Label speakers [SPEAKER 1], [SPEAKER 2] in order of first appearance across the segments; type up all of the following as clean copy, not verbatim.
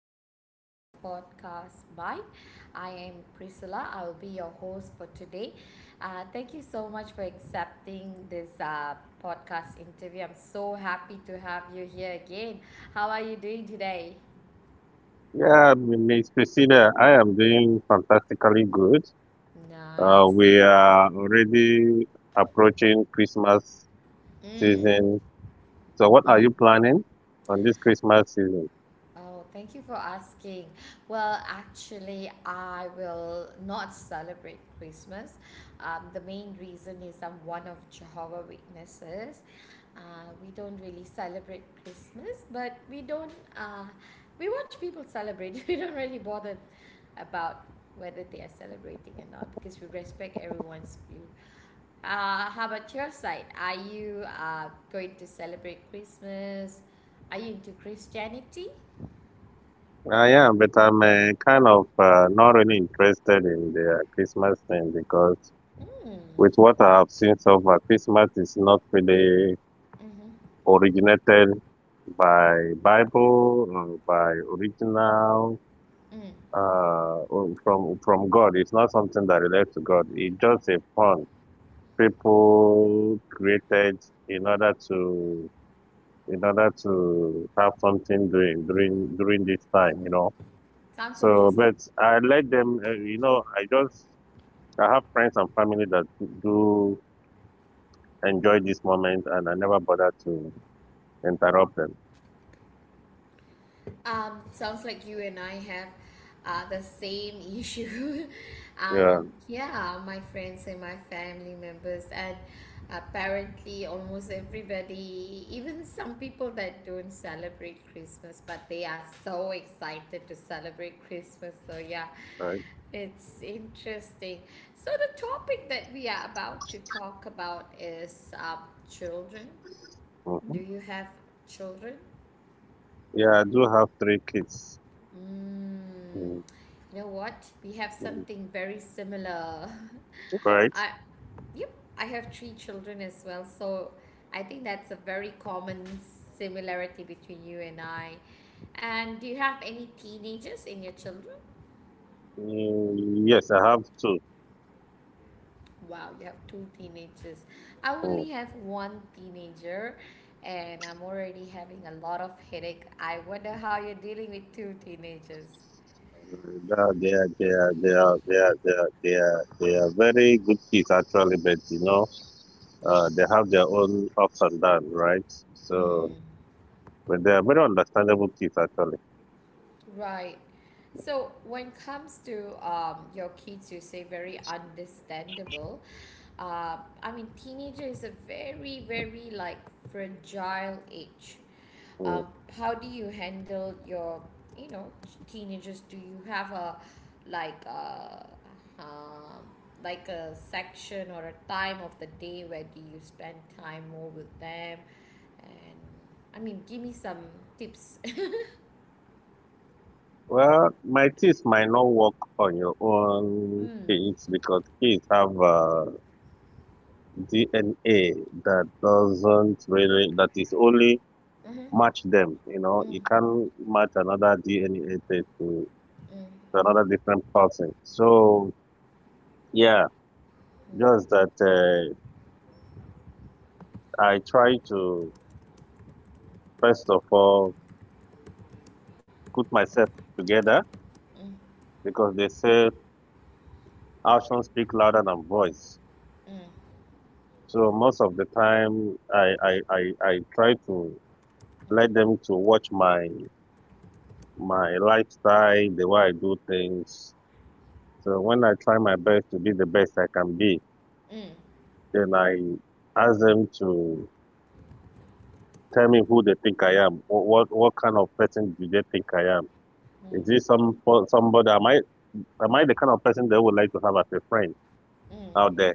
[SPEAKER 1] welcome back to our podcast. Bye. I am Priscilla. I will be your host for today. Thank you so much for accepting this podcast interview. I'm so happy to have you here again. How are you doing today?
[SPEAKER 2] Yeah, Miss Priscilla, I am doing fantastically good.
[SPEAKER 1] Nice.
[SPEAKER 2] We are already approaching Christmas
[SPEAKER 1] Mm,
[SPEAKER 2] season. So, what are
[SPEAKER 1] mm.
[SPEAKER 2] you planning on this Christmas season?
[SPEAKER 1] Oh, thank you for asking. Well, actually, I will not celebrate Christmas. The main reason is I'm one of Jehovah Witnesses. We don't really celebrate Christmas, but we don't. We watch people celebrate. We don't really bother about whether they are celebrating or not because we respect everyone's view. How about your side? Are you going to celebrate Christmas? Are you into Christianity?
[SPEAKER 2] I am, but I'm kind of not really interested in the Christmas thing, because
[SPEAKER 1] Mm.
[SPEAKER 2] with what I have seen so far, Christmas is not really
[SPEAKER 1] Mm-hmm.
[SPEAKER 2] originated by Bible or by original
[SPEAKER 1] Mm.
[SPEAKER 2] from God. It's not something that relates to God. It's just a pun people created in order to in order to have something doing during this time.
[SPEAKER 1] Sounds
[SPEAKER 2] So,
[SPEAKER 1] interesting.
[SPEAKER 2] but I let them. I have friends and family that do enjoy this moment, and I never bother to interrupt them.
[SPEAKER 1] Sounds like you and I have the same issue.
[SPEAKER 2] Yeah,
[SPEAKER 1] Yeah, my friends and my family members, and apparently almost everybody, even some people that don't celebrate Christmas, but they are so excited to celebrate Christmas. So yeah,
[SPEAKER 2] right.
[SPEAKER 1] it's interesting. So the topic that we are about to talk about is children. Do
[SPEAKER 2] Hmm.
[SPEAKER 1] you have children?
[SPEAKER 2] Yeah, I do have three kids.
[SPEAKER 1] Mm,
[SPEAKER 2] Mm,
[SPEAKER 1] you know what? We have
[SPEAKER 2] mm.
[SPEAKER 1] something very similar.
[SPEAKER 2] Correct.
[SPEAKER 1] I, yep, I have three children as well, so I think that's a very common similarity between you and I. And do you have any teenagers in your children?
[SPEAKER 2] Mm, yes, I have two.
[SPEAKER 1] Wow, you have two teenagers. I
[SPEAKER 2] Mm.
[SPEAKER 1] only have one teenager, and I'm already having a lot of headache. I wonder how you're dealing with two teenagers.
[SPEAKER 2] No, they are, they are, they are, they are, they are, they are, they are very good kids actually, but they have their own ups and downs, right? So,
[SPEAKER 1] Mm,
[SPEAKER 2] but they are very understandable kids actually.
[SPEAKER 1] right. So when it comes to your kids, you say very understandable. I mean, teenager is a very, very like fragile age.
[SPEAKER 2] Mm.
[SPEAKER 1] Um, how do you handle your, you know, teenagers? Do you have a like a um, like a section or a time of the day where do you spend time more with them? And I mean, give me some tips.
[SPEAKER 2] Well, my kids might not work on your own
[SPEAKER 1] Mm.
[SPEAKER 2] kids, because kids have DNA that doesn't really, that is only
[SPEAKER 1] Mm-hmm.
[SPEAKER 2] match them. You
[SPEAKER 1] Mm. Mm.
[SPEAKER 2] you can't match another DNA test to,
[SPEAKER 1] Mm.
[SPEAKER 2] to another different person. So, yeah. Just that I try to, first of all, put myself together,
[SPEAKER 1] Mm.
[SPEAKER 2] because they say actions speak louder than voice.
[SPEAKER 1] Mm.
[SPEAKER 2] So most of the time, I try to let them to watch my lifestyle, the way I do things. So when I try my best to be the best I can be,
[SPEAKER 1] mmhmm
[SPEAKER 2] then I ask them to tell me who they think I am. What kind of person do they think I am?
[SPEAKER 1] hmm.
[SPEAKER 2] Is this somebody? Am I the kind of person they would like to have as a friend
[SPEAKER 1] mm
[SPEAKER 2] out there?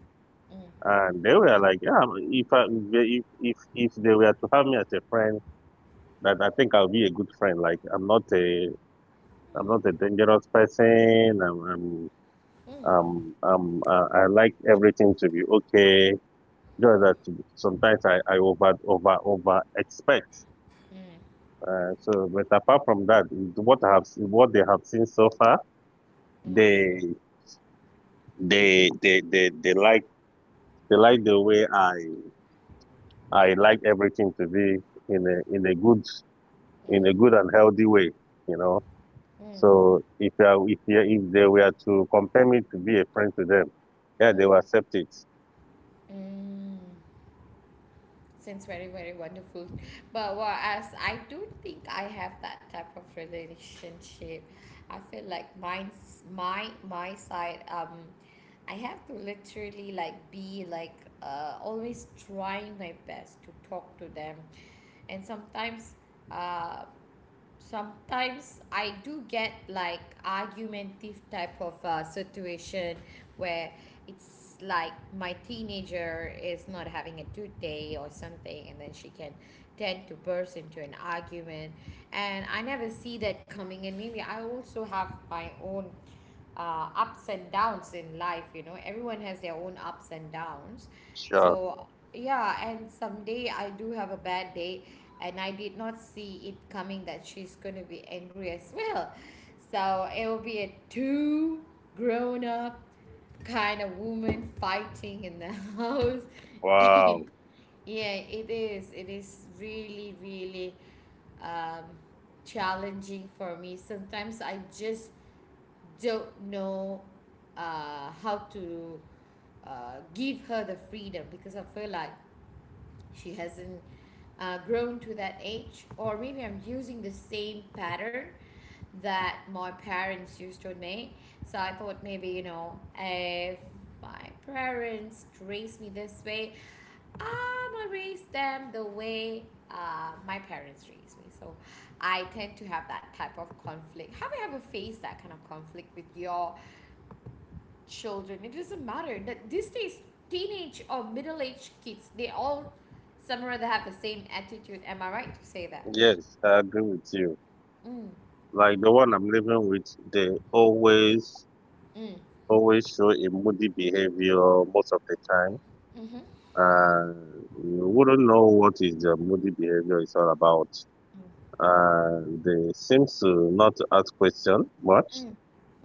[SPEAKER 1] mm.
[SPEAKER 2] And they were like, yeah, if I, if they were to have me as a friend, that I think I'll be a good friend. Like, I'm not a dangerous person.
[SPEAKER 1] Mm. Mm. Mm. Mm. Mm.
[SPEAKER 2] I like everything to be okay. Just that sometimes I over expect. So, but apart from that, what I have seen, what they have seen so far, they they they they, they like they like the way I. I like everything to be in a in a good in a good and healthy way, you know.
[SPEAKER 1] Mm. Mm.
[SPEAKER 2] So if I, if you if they were to compare me to be a friend to them, yeah, they will
[SPEAKER 1] Mm.
[SPEAKER 2] accept it.
[SPEAKER 1] Mm. Sounds very very wonderful, but whereas I don't think I have that type of relationship. I feel like mine's my side. I have to literally like be like always trying my best to talk to them, and sometimes uh sometimes I do get like argumentative type of situation where it's like my teenager is not having a good day or something, and then she can tend to burst into an argument, and I never see that coming. And maybe I also have my own ups and downs in life. You know, everyone has their own ups and downs.
[SPEAKER 2] Sure.
[SPEAKER 1] So yeah, and someday I do have a bad day, and I did not see it coming that she's going to be angry as well. So it will be a two grown up kind of woman fighting in the house. It-
[SPEAKER 2] Wow.
[SPEAKER 1] yeah, it is. It is really, really um, challenging for me. Sometimes I just don't know how to give her the freedom, because I feel like she hasn't grown to that age, or maybe I'm using the same pattern that my parents used to me. So I thought maybe, you know, if my parents raised me this way, I'm gonna raise them the way my parents raised me. So I tend to have that type of conflict. Have you ever faced that kind of conflict with your children? It doesn't matter that these days, teenage or middle aged kids, they all somewhere they have the same attitude. Am I right to say that?
[SPEAKER 2] Yes, I agree with you.
[SPEAKER 1] Mm,
[SPEAKER 2] Like the one I'm living with, they always
[SPEAKER 1] mm,
[SPEAKER 2] always show a moody behavior most of the time,
[SPEAKER 1] mm-hmm,
[SPEAKER 2] and you wouldn't know what is their moody behavior is all about.
[SPEAKER 1] mm,
[SPEAKER 2] And they seems to not ask question much.
[SPEAKER 1] mm,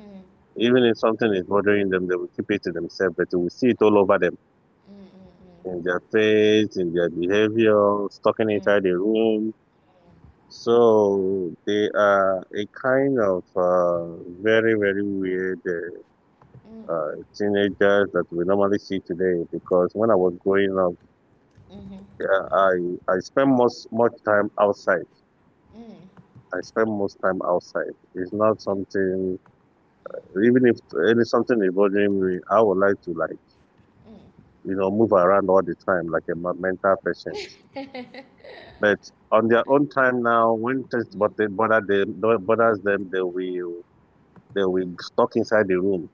[SPEAKER 1] mm.
[SPEAKER 2] Even if something is bothering them, they will keep it to themselves, but you will see it all over them,
[SPEAKER 1] Mm, mm, mm.
[SPEAKER 2] in their face, in their behavior, stalking
[SPEAKER 1] Mm,
[SPEAKER 2] inside the room. So they are a kind of very, very weird
[SPEAKER 1] mm. Mm.
[SPEAKER 2] teenagers that we normally see today. Because when I was growing up,
[SPEAKER 1] Mhm. Mm, mm,
[SPEAKER 2] uh, I I spent most much time outside. I spend most time outside. It's not something. Even if any something is bothering me, I would like to, like move around all the time like a mental patient.
[SPEAKER 1] mm.
[SPEAKER 2] But on their own time now, when things
[SPEAKER 1] Mm,
[SPEAKER 2] bothers
[SPEAKER 1] mm.
[SPEAKER 2] them, they will stuck inside the room,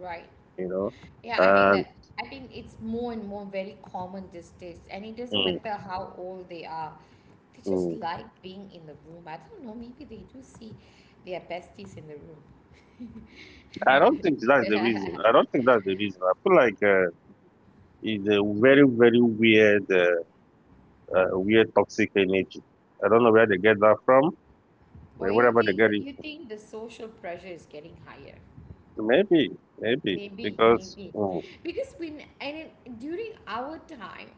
[SPEAKER 1] Right.
[SPEAKER 2] you know.
[SPEAKER 1] Yeah, I think
[SPEAKER 2] And
[SPEAKER 1] that I think it's more and more very common these days, and it doesn't
[SPEAKER 2] mm,
[SPEAKER 1] matter how old they are. They just
[SPEAKER 2] mm.
[SPEAKER 1] like being in the room. I don't know, maybe they do see their besties in the room.
[SPEAKER 2] I don't think that's the reason. I don't think that's the reason. I feel like it's a very very weird weird toxic energy. I don't know where they get that from.
[SPEAKER 1] Or
[SPEAKER 2] Wherever they get it,
[SPEAKER 1] you think the social pressure is getting higher?
[SPEAKER 2] maybe maybe
[SPEAKER 1] Maybe,
[SPEAKER 2] because
[SPEAKER 1] maybe. Because when and it, during our time,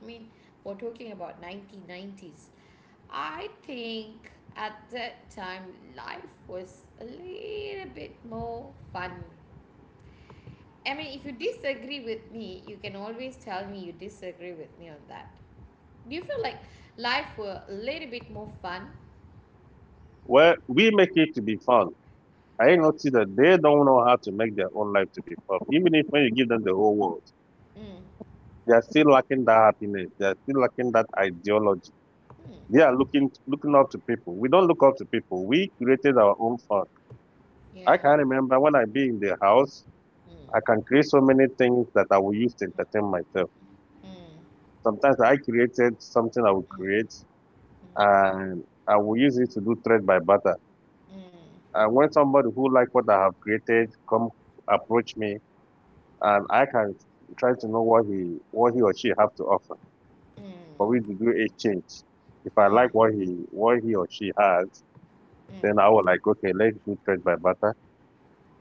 [SPEAKER 1] I mean, we're talking about 1990s. I think at that time life was a little bit more fun. I mean, if you disagree with me, you can always tell me you disagree with me on that. Do you feel like life were a little bit more fun?
[SPEAKER 2] well we make it to be fun. I noticed that they don't know how to make their own life to be fun. Even if when you give them the whole world,
[SPEAKER 1] Mm.
[SPEAKER 2] they are still lacking that happiness. They are still lacking that ideology.
[SPEAKER 1] Mm.
[SPEAKER 2] They are looking up to people. We don't look up to people. We created our own fun.
[SPEAKER 1] Yeah.
[SPEAKER 2] I can remember when I be in the house,
[SPEAKER 1] Mm.
[SPEAKER 2] I can create so many things that I will use to entertain myself.
[SPEAKER 1] Mm. Mm.
[SPEAKER 2] Sometimes I created something I will create, and I will use it to do thread by butter.
[SPEAKER 1] Mm. Mm.
[SPEAKER 2] And when somebody who like what I have created come approach me, and I can try to know what he or she have to offer
[SPEAKER 1] Mm. Mm.
[SPEAKER 2] for me to do a change. If I
[SPEAKER 1] Mm.
[SPEAKER 2] like what he or she has,
[SPEAKER 1] Mm.
[SPEAKER 2] then I will like, okay, let's do trade by barter.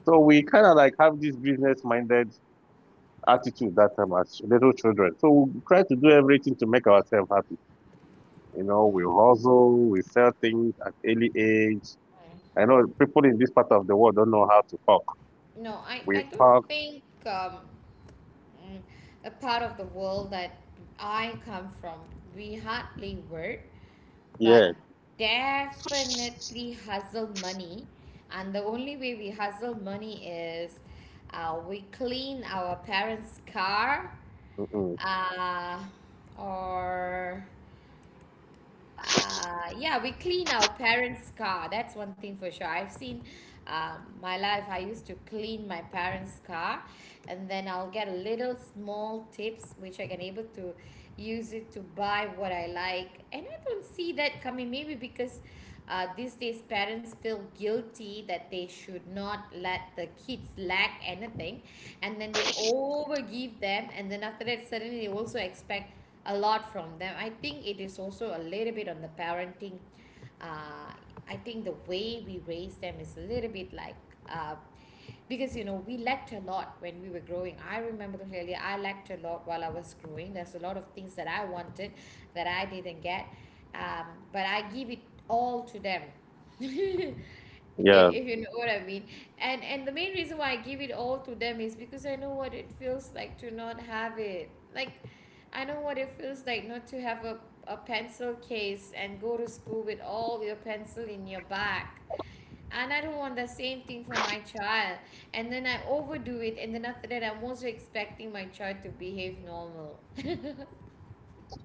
[SPEAKER 2] So we kind of like have this business minded attitude that time as little children. So we try to do everything to make ourselves happy. You know, we
[SPEAKER 1] Mm,
[SPEAKER 2] hustle, we sell things at early age. I
[SPEAKER 1] mm.
[SPEAKER 2] know people in this part of the world don't know how to cook.
[SPEAKER 1] No,
[SPEAKER 2] We
[SPEAKER 1] I don't
[SPEAKER 2] cook,
[SPEAKER 1] think mm, the part of the world that I come from, we hardly work, but
[SPEAKER 2] yeah,
[SPEAKER 1] definitely hustle money. And the only way we hustle money is we clean our parents' car
[SPEAKER 2] mm-mm,
[SPEAKER 1] uh, or yeah, we clean our parents' car. That's one thing for sure. I've seen my life, I used to clean my parents' car, and then I'll get little small tips which I can able to use it to buy what I like. And I don't see that coming, maybe because these days parents feel guilty that they should not let the kids lack anything, and then they over give them, and then after that, suddenly they also expect a lot from them. I think it is also a little bit on the parenting. uh, I think the way we raise them is a little bit like uh, because you know we lacked a lot when we were growing. I remember clearly I lacked a lot while I was growing. There's a lot of things that I wanted that I didn't get, um, but I give it all to them. If
[SPEAKER 2] yeah.
[SPEAKER 1] you know what I mean. And the main reason why I give it all to them is because I know what it feels like to not have it. Like I know what it feels like not to have a pencil case and go to school with all your pencil in your back. And I don't want the same thing for my child. And then I overdo it, and then after that I'm also expecting my child to behave normal.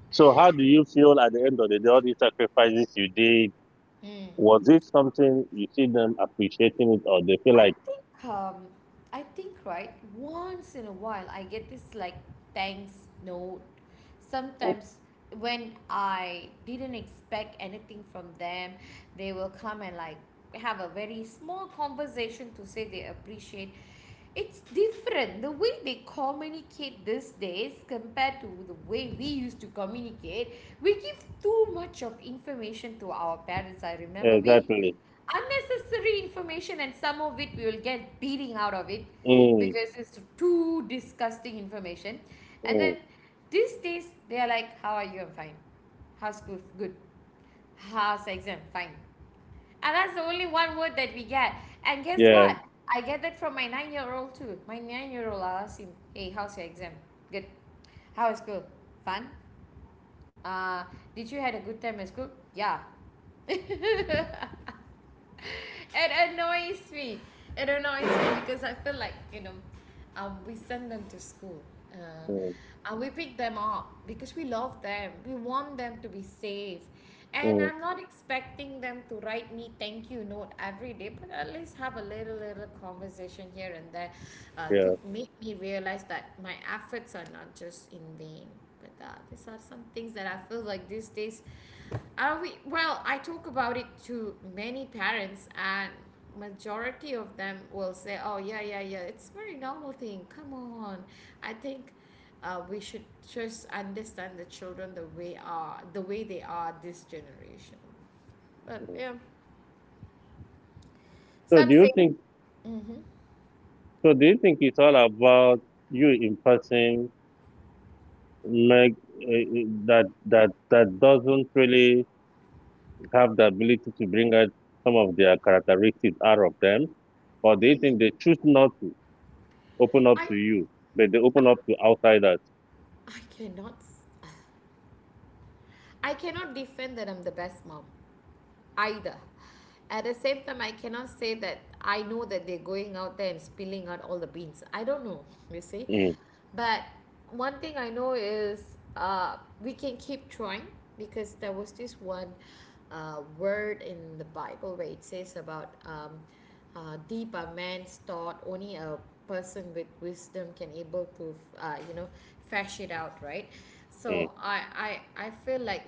[SPEAKER 2] So how do you feel at the end of the day, all these sacrifices you did?
[SPEAKER 1] Mm.
[SPEAKER 2] Was it something you see them appreciating it, or they feel
[SPEAKER 1] I
[SPEAKER 2] like,
[SPEAKER 1] think um I think right once in a while I get this like thanks note sometimes. When I didn't expect anything from them, they will come and like have a very small conversation to say they appreciate. It's different the way they communicate these days compared to the way we used to communicate. We give too much of information to our parents. I
[SPEAKER 2] "Yeah,
[SPEAKER 1] remember we
[SPEAKER 2] exactly?"
[SPEAKER 1] unnecessary information, and some of it we will get beating out of it
[SPEAKER 2] Mm,
[SPEAKER 1] because it's too disgusting information. And
[SPEAKER 2] mm,
[SPEAKER 1] then these days they are like, how are you? I'm fine. How's school? Good. How's exam? Fine. And that's the only one word that we get. And guess
[SPEAKER 2] yeah,
[SPEAKER 1] what? I get that from my 9 year old too. My 9 year old, I ask him, hey, how's your exam? Good. How is school? Fun. uh did you had a good time at school? Yeah. It annoys me. It annoys me because I feel like, you know, we send them to school.
[SPEAKER 2] mm,
[SPEAKER 1] We pick them up because we love them. We want them to be safe, and
[SPEAKER 2] mm,
[SPEAKER 1] I'm not expecting them to write me thank you note every day. But at least have a little little conversation here and there to
[SPEAKER 2] yeah.
[SPEAKER 1] make me realize that my efforts are not just in vain with that. These are some things that I feel like these days. Are we well? I talk about it to many parents, and majority of them will say, "Oh yeah, yeah, yeah. It's very normal thing. Come on." I think we should just understand the children the way are the way they are this generation. But
[SPEAKER 2] Mm.
[SPEAKER 1] yeah,
[SPEAKER 2] So
[SPEAKER 1] some
[SPEAKER 2] do you
[SPEAKER 1] say.
[SPEAKER 2] think?
[SPEAKER 1] Hmm.
[SPEAKER 2] So do you think it's all about you impressing make that doesn't really have the ability to bring out some of their characteristics out of them, or do you think they choose not to open up
[SPEAKER 1] I
[SPEAKER 2] to you, but they open up to outsiders?
[SPEAKER 1] I cannot. I cannot defend that I'm the best mom either. At the same time, I cannot say that I know that they're going out there and spilling out all the beans. I don't know, you see.
[SPEAKER 2] Mm,
[SPEAKER 1] But one thing I know is we can keep trying, because there was this one word in the Bible where it says about deep a man's thought, only a person with wisdom can able to, you know, fash it out, right?
[SPEAKER 2] mm.
[SPEAKER 1] So I feel like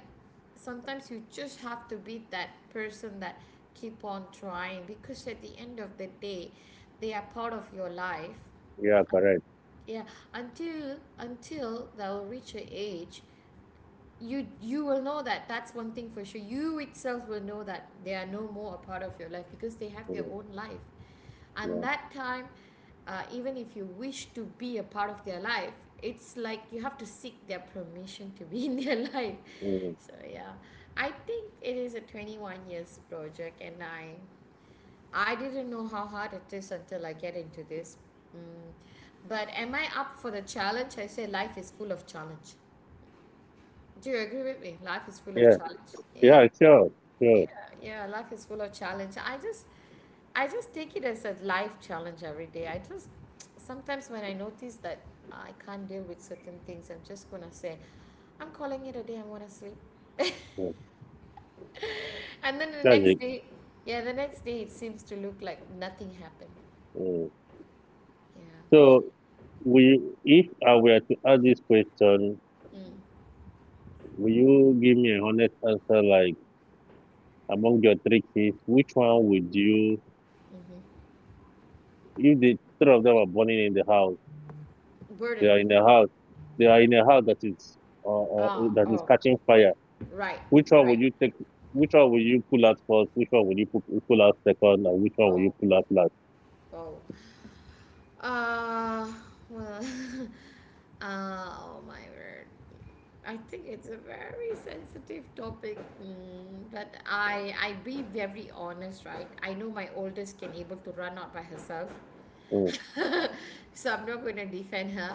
[SPEAKER 1] sometimes you just have to be that person that keep on trying, because at the end of the day they are part of your life.
[SPEAKER 2] Yeah, correct.
[SPEAKER 1] Yeah, until they'll reach a age, you will know that. That's one thing for sure. You itself will know that they are no more a part of your life because they have their
[SPEAKER 2] Mm,
[SPEAKER 1] own life.
[SPEAKER 2] yeah,
[SPEAKER 1] And that time even if you wish to be a part of their life, it's like you have to seek their permission to be in their life.
[SPEAKER 2] mm.
[SPEAKER 1] So yeah, I think it is a 21 years project, and I didn't know how hard it is until I get into this. Mm. But am I up for the challenge? I say life is full of challenge. Do you agree with me? Life is full of
[SPEAKER 2] Yeah.
[SPEAKER 1] challenge. Yeah,
[SPEAKER 2] Yeah, sure,
[SPEAKER 1] yeah,
[SPEAKER 2] sure.
[SPEAKER 1] yeah. Life is full of challenge. I just take it as a life challenge every day. I just, sometimes when I notice that I can't deal with certain things, I'm just gonna say, I'm calling it a day. I wanna sleep,
[SPEAKER 2] Mm,
[SPEAKER 1] and then the
[SPEAKER 2] that's
[SPEAKER 1] next
[SPEAKER 2] it.
[SPEAKER 1] day, yeah, the next day it seems to look like nothing happened.
[SPEAKER 2] Mm.
[SPEAKER 1] Yeah.
[SPEAKER 2] So, if I were to ask this question,
[SPEAKER 1] Mm.
[SPEAKER 2] will you give me a honest answer? Like, among your three kids, which one would you?
[SPEAKER 1] Mm-hmm.
[SPEAKER 2] If the three of them are burning in the house, they
[SPEAKER 1] Burden.
[SPEAKER 2] are in a house, they are in a house uh, uh,
[SPEAKER 1] Ah,
[SPEAKER 2] that is
[SPEAKER 1] oh,
[SPEAKER 2] catching fire.
[SPEAKER 1] right,
[SPEAKER 2] Which one
[SPEAKER 1] right.
[SPEAKER 2] would you take? Which one will you pull out first? Which one will you pull out second? And which one will you
[SPEAKER 1] Oh,
[SPEAKER 2] pull out last?
[SPEAKER 1] oh, Uh, well, oh my word. I think it's a very sensitive topic, but I be very honest, right? I know my oldest can able to run out by herself,
[SPEAKER 2] Mm,
[SPEAKER 1] so I'm not going to defend her.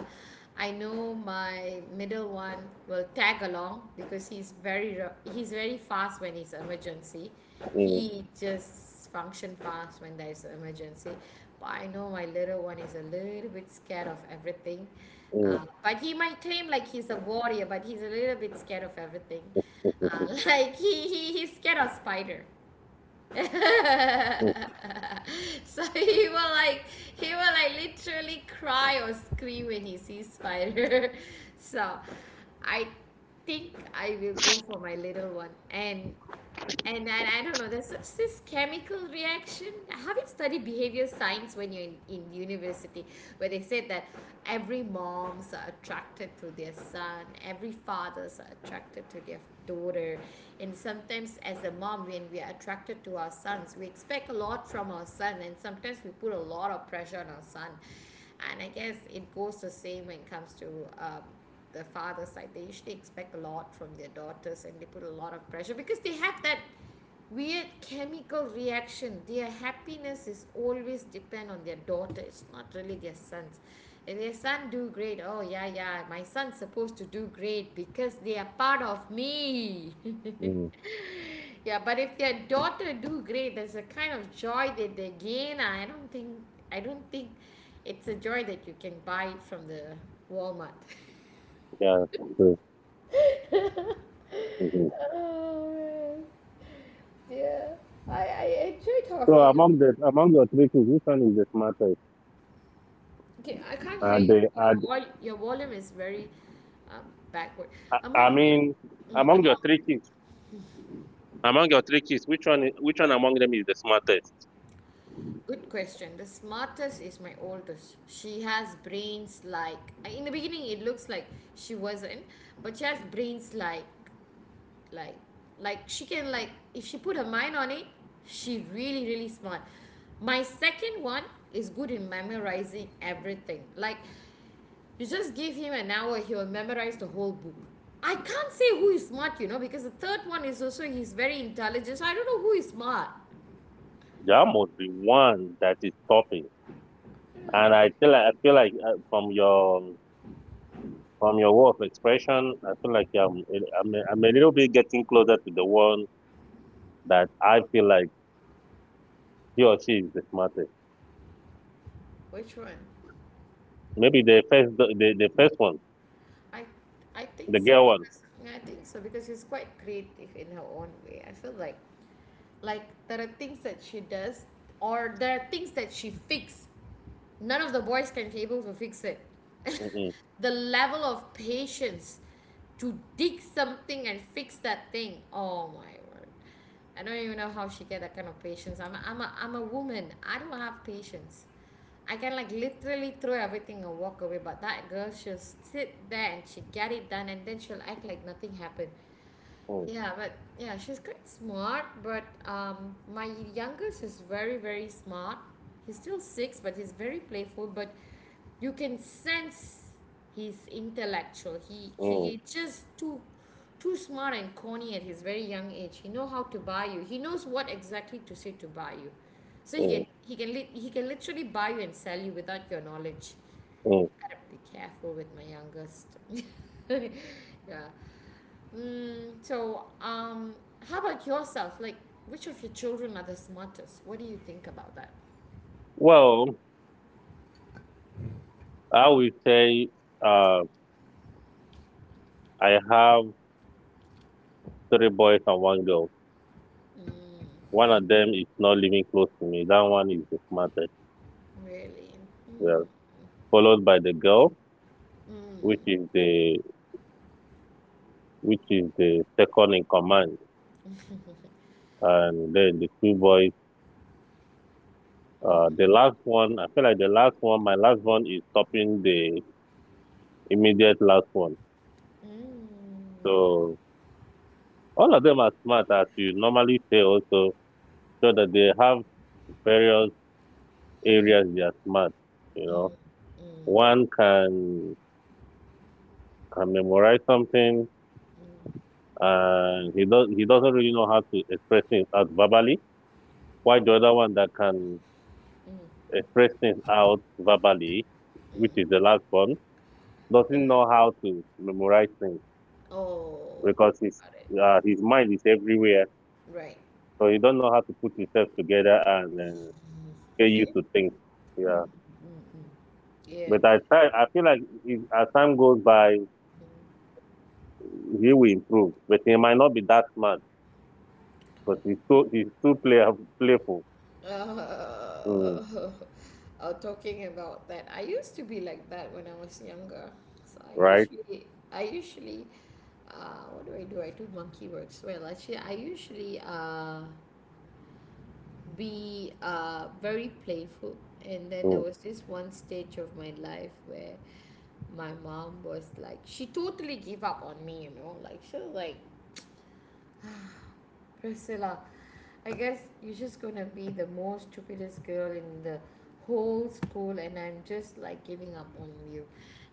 [SPEAKER 1] I know my middle one will tag along because he's very fast when it's emergency.
[SPEAKER 2] mm,
[SPEAKER 1] He just function fast when there is an emergency. But I know my little one is a little bit scared of everything.
[SPEAKER 2] mm,
[SPEAKER 1] But he might claim like he's a warrior, but he's a little bit scared of everything. Like he's scared of spider.
[SPEAKER 2] mm,
[SPEAKER 1] So he will like literally cry or scream when he sees spider. So I think I will go for my little one, and then I don't know, there's such this chemical reaction. Have you studied behavior science when you're in university, where they said that every moms are attracted to their son, every fathers are attracted to their daughter, and sometimes as a mom, when we are attracted to our sons, we expect a lot from our son, and sometimes we put a lot of pressure on our son. And I guess it goes the same when it comes to um, the father side. They usually expect a lot from their daughters and they put a lot of pressure because they have that weird chemical reaction. Their happiness is always depend on their daughter. It's not really their sons. If their son do great, oh yeah yeah, my son's supposed to do great because they are part of me.
[SPEAKER 2] mm.
[SPEAKER 1] Yeah, but if their daughter do great, there's a kind of joy that they gain. I don't think it's a joy that you can buy it from the Walmart.
[SPEAKER 2] Yeah. True. Mm-hmm.
[SPEAKER 1] Oh man, yeah. I enjoy
[SPEAKER 2] So
[SPEAKER 1] talking.
[SPEAKER 2] among your three kids, which one is the smartest?
[SPEAKER 1] Okay, I can't hear
[SPEAKER 2] And
[SPEAKER 1] you.
[SPEAKER 2] they
[SPEAKER 1] Your
[SPEAKER 2] are,
[SPEAKER 1] vol your volume is very um, backward.
[SPEAKER 2] I
[SPEAKER 1] Among
[SPEAKER 2] mean,
[SPEAKER 1] mm,
[SPEAKER 2] among your
[SPEAKER 1] among
[SPEAKER 2] three kids, among your three kids, which one among them is the smartest?
[SPEAKER 1] Good question. The smartest is my oldest. She has brains, like in the beginning it looks like she wasn't, but she has brains, like like she can, like if she put her mind on it, she really really smart. My second one is good in memorizing everything. Like, you just give him an hour, he will memorize the whole book. I can't say who is smart, you know, because the third one is also, he's very intelligent. So I don't know who is smart.
[SPEAKER 2] There must be one that is topping.
[SPEAKER 1] I don't know.
[SPEAKER 2] And I feel like, from your word of expression, I feel like I'm a little bit getting closer to the one that I feel like he or she is the smartest.
[SPEAKER 1] Which one?
[SPEAKER 2] Maybe the first one,
[SPEAKER 1] I I think
[SPEAKER 2] the
[SPEAKER 1] so.
[SPEAKER 2] girl one.
[SPEAKER 1] Because she's quite creative in her own way. I feel like there are things that she does or there are things that she fixes, none of the boys can be able to fix it.
[SPEAKER 2] Mm-mm,
[SPEAKER 1] The level of patience to dig something and fix that thing, oh my word, I don't even know how she get that kind of patience. I'm a woman, I don't have patience. I can like literally throw everything and walk away, but that girl, she'll sit there and she get it done and then she'll act like nothing happened.
[SPEAKER 2] mm,
[SPEAKER 1] Yeah, but yeah, she's quite smart. But my youngest is very, very smart. He's still 6, but he's very playful. But you can sense he's intellectual. He
[SPEAKER 2] mm,
[SPEAKER 1] he is just too smart and corny at his very young age. He know how to buy you. He knows what exactly to say to buy you. So he
[SPEAKER 2] mm,
[SPEAKER 1] can he can lit he can literally buy you and sell you without your knowledge.
[SPEAKER 2] mm.
[SPEAKER 1] Gotta be careful with my youngest. Yeah. Mm, so, how about yourself? Like, which of your children are the smartest? What do you think about that?
[SPEAKER 2] Well. I will say uh, I have three boys and one girl. One of them is not living close to me. That one is the smartest.
[SPEAKER 1] Really? Mm,
[SPEAKER 2] Well, followed by the girl,
[SPEAKER 1] mm,
[SPEAKER 2] which is the second in command, and then the two boys. The last one, I feel like the last one, my last one is topping the immediate last one.
[SPEAKER 1] mm,
[SPEAKER 2] So all of them are smart, as you normally say, also, so that they have various
[SPEAKER 1] mm, mm, mm,
[SPEAKER 2] areas they are smart. You know,
[SPEAKER 1] mm, mm,
[SPEAKER 2] one can memorize something, and he doesn't really know how to express things out verbally, while the other one that can
[SPEAKER 1] mm,
[SPEAKER 2] express things out verbally, which is
[SPEAKER 1] mm.
[SPEAKER 2] the last one,
[SPEAKER 1] Uh,
[SPEAKER 2] doesn't know how to memorize things,
[SPEAKER 1] oh,
[SPEAKER 2] because his
[SPEAKER 1] got it.
[SPEAKER 2] uh, his mind is everywhere,
[SPEAKER 1] Right.
[SPEAKER 2] so he don't know how to put himself together and get
[SPEAKER 1] Yeah.
[SPEAKER 2] used to things, yeah.
[SPEAKER 1] Mm, yeah.
[SPEAKER 2] But I try, I feel like if, as time goes by, he will improve, but he might not be that smart, because he's too playful.
[SPEAKER 1] Uh,
[SPEAKER 2] Mm,
[SPEAKER 1] talking about that, I used to be like that when I was younger. So I
[SPEAKER 2] right.
[SPEAKER 1] usually, I usually what do I do, I do monkey works, well actually I usually be very playful, and then there
[SPEAKER 2] Mm.
[SPEAKER 1] was this one stage of my life where my mom was like she totally gave up on me, you know, like she was like, Priscilla, I guess you're just gonna be the most stupidest girl in the whole school and I'm just like giving up on you.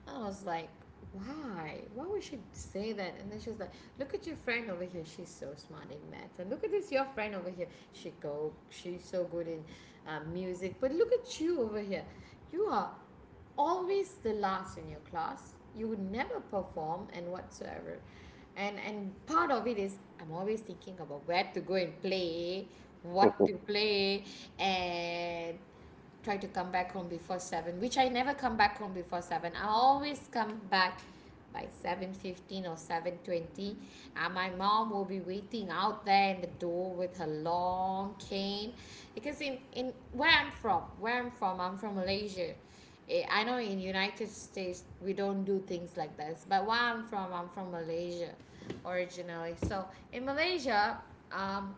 [SPEAKER 1] I was like, why? Why would she say that? And then she's like, look at your friend over here. She's so smart in math. And look at this, your friend over here. She go, she's so good in music. But look at you over here. You are always the last in your class. You would never perform and whatsoever. And part of it is I'm always thinking about where to go and play, what
[SPEAKER 2] Mm,
[SPEAKER 1] to play, and try to come back home before 7, which I never come back home before 7. I always come back by 7:15 or 7:20. And my mom will be waiting out there in the door with her long cane, because in where I'm from, I'm from Malaysia. Eh, I know in United States we don't do things like this, but where I'm from Malaysia originally. So in Malaysia, um,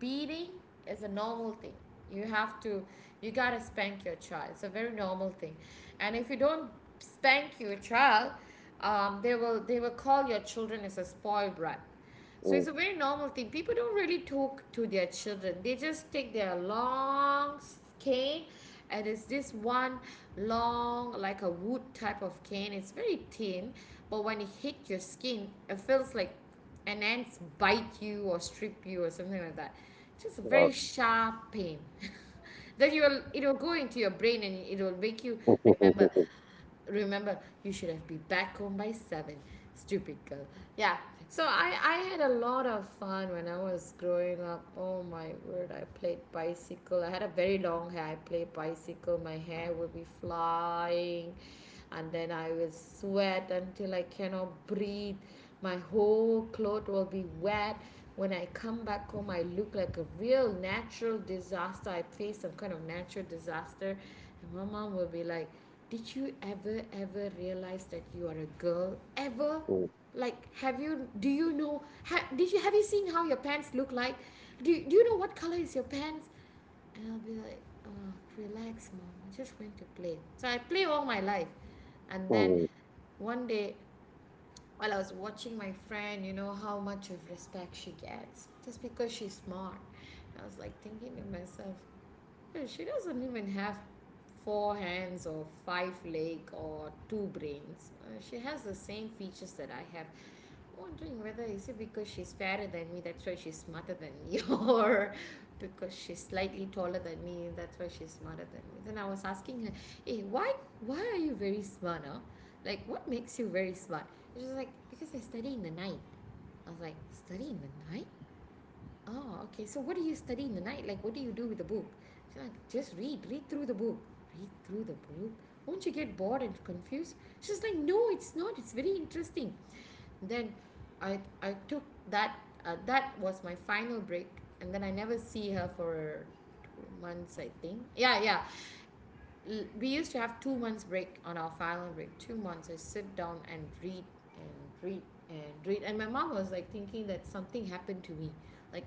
[SPEAKER 1] beating is a normal thing. You have to, you gotta spank your child. It's a very normal thing, and if you don't spank your child, they will call your children as a spoiled brat. So it's a very normal thing. People don't really talk to their children. They just take their long cane, and it's this one long like a wood type of cane. It's very thin, but when it hits your skin, it feels like an ants bite you or strip you or something like that. Just a
[SPEAKER 2] uh,
[SPEAKER 1] very sharp pain. Then you will it will go into your brain and it will make you remember
[SPEAKER 2] mm,
[SPEAKER 1] remember you should have been back home by 7, stupid girl. Yeah. So I had a lot of fun when I was growing up, oh my word, I played bicycle, I had a very long hair, I played bicycle, my hair would be flying, and then I will sweat until I cannot breathe, my whole clothes will be wet, when I come back home I look like a real natural disaster, I face some kind of natural disaster. And my mom will be like, did you ever ever realize that you are a girl ever? Like, have you do you know ha, did you have you seen how your pants look like? Do you know what color is your pants? And I'll be like, oh, relax mom, I just went to play. So I play all my life. And then
[SPEAKER 2] mm,
[SPEAKER 1] one day while I was watching my friend, you know how much of respect she gets just because she's smart. I was like thinking to myself, she doesn't even have four hands or five legs or two brains. She has the same features that I have. Wondering whether is it because she's fairer than me, that's why she's smarter than me, or because she's slightly taller than me, that's why she's smarter than me. Then I was asking her, "Hey, why are you very smart? Huh? Like, what makes you very smart?" She was like, "Because I study in the night." I was like, "Study in the night?" Oh okay, so what do you study in the night, like what do you do with the book? She's like, just read, read through the book, read through the book. Won't you get bored and confused? She's like, no it's not, it's very interesting. Then i i took that uh, that was my final break. And then I never see her for 2 months I think. Yeah yeah, we used to have 2 months break on our final break. 2 months, I sit down and read and read and read. And my mom was like thinking that something happened to me, like,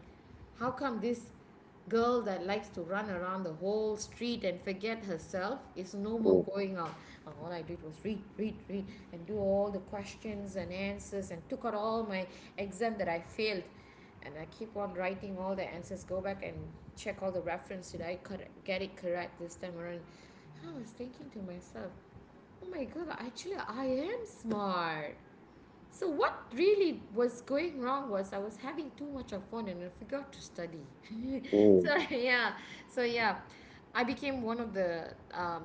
[SPEAKER 1] how come this girl that likes to run around the whole street and forget herself is no more
[SPEAKER 2] mm,
[SPEAKER 1] going out. All I did was read, read, read, and do all the questions and answers, and took out all my exam that I failed. And I keep on writing all the answers, go back and check all the reference. Get it correct this time around? I was thinking to myself, oh my god, actually, I am smart. So, what really was going wrong was I was having too much of fun and I forgot to study.
[SPEAKER 2] mm.
[SPEAKER 1] So yeah, so yeah, I became one of the.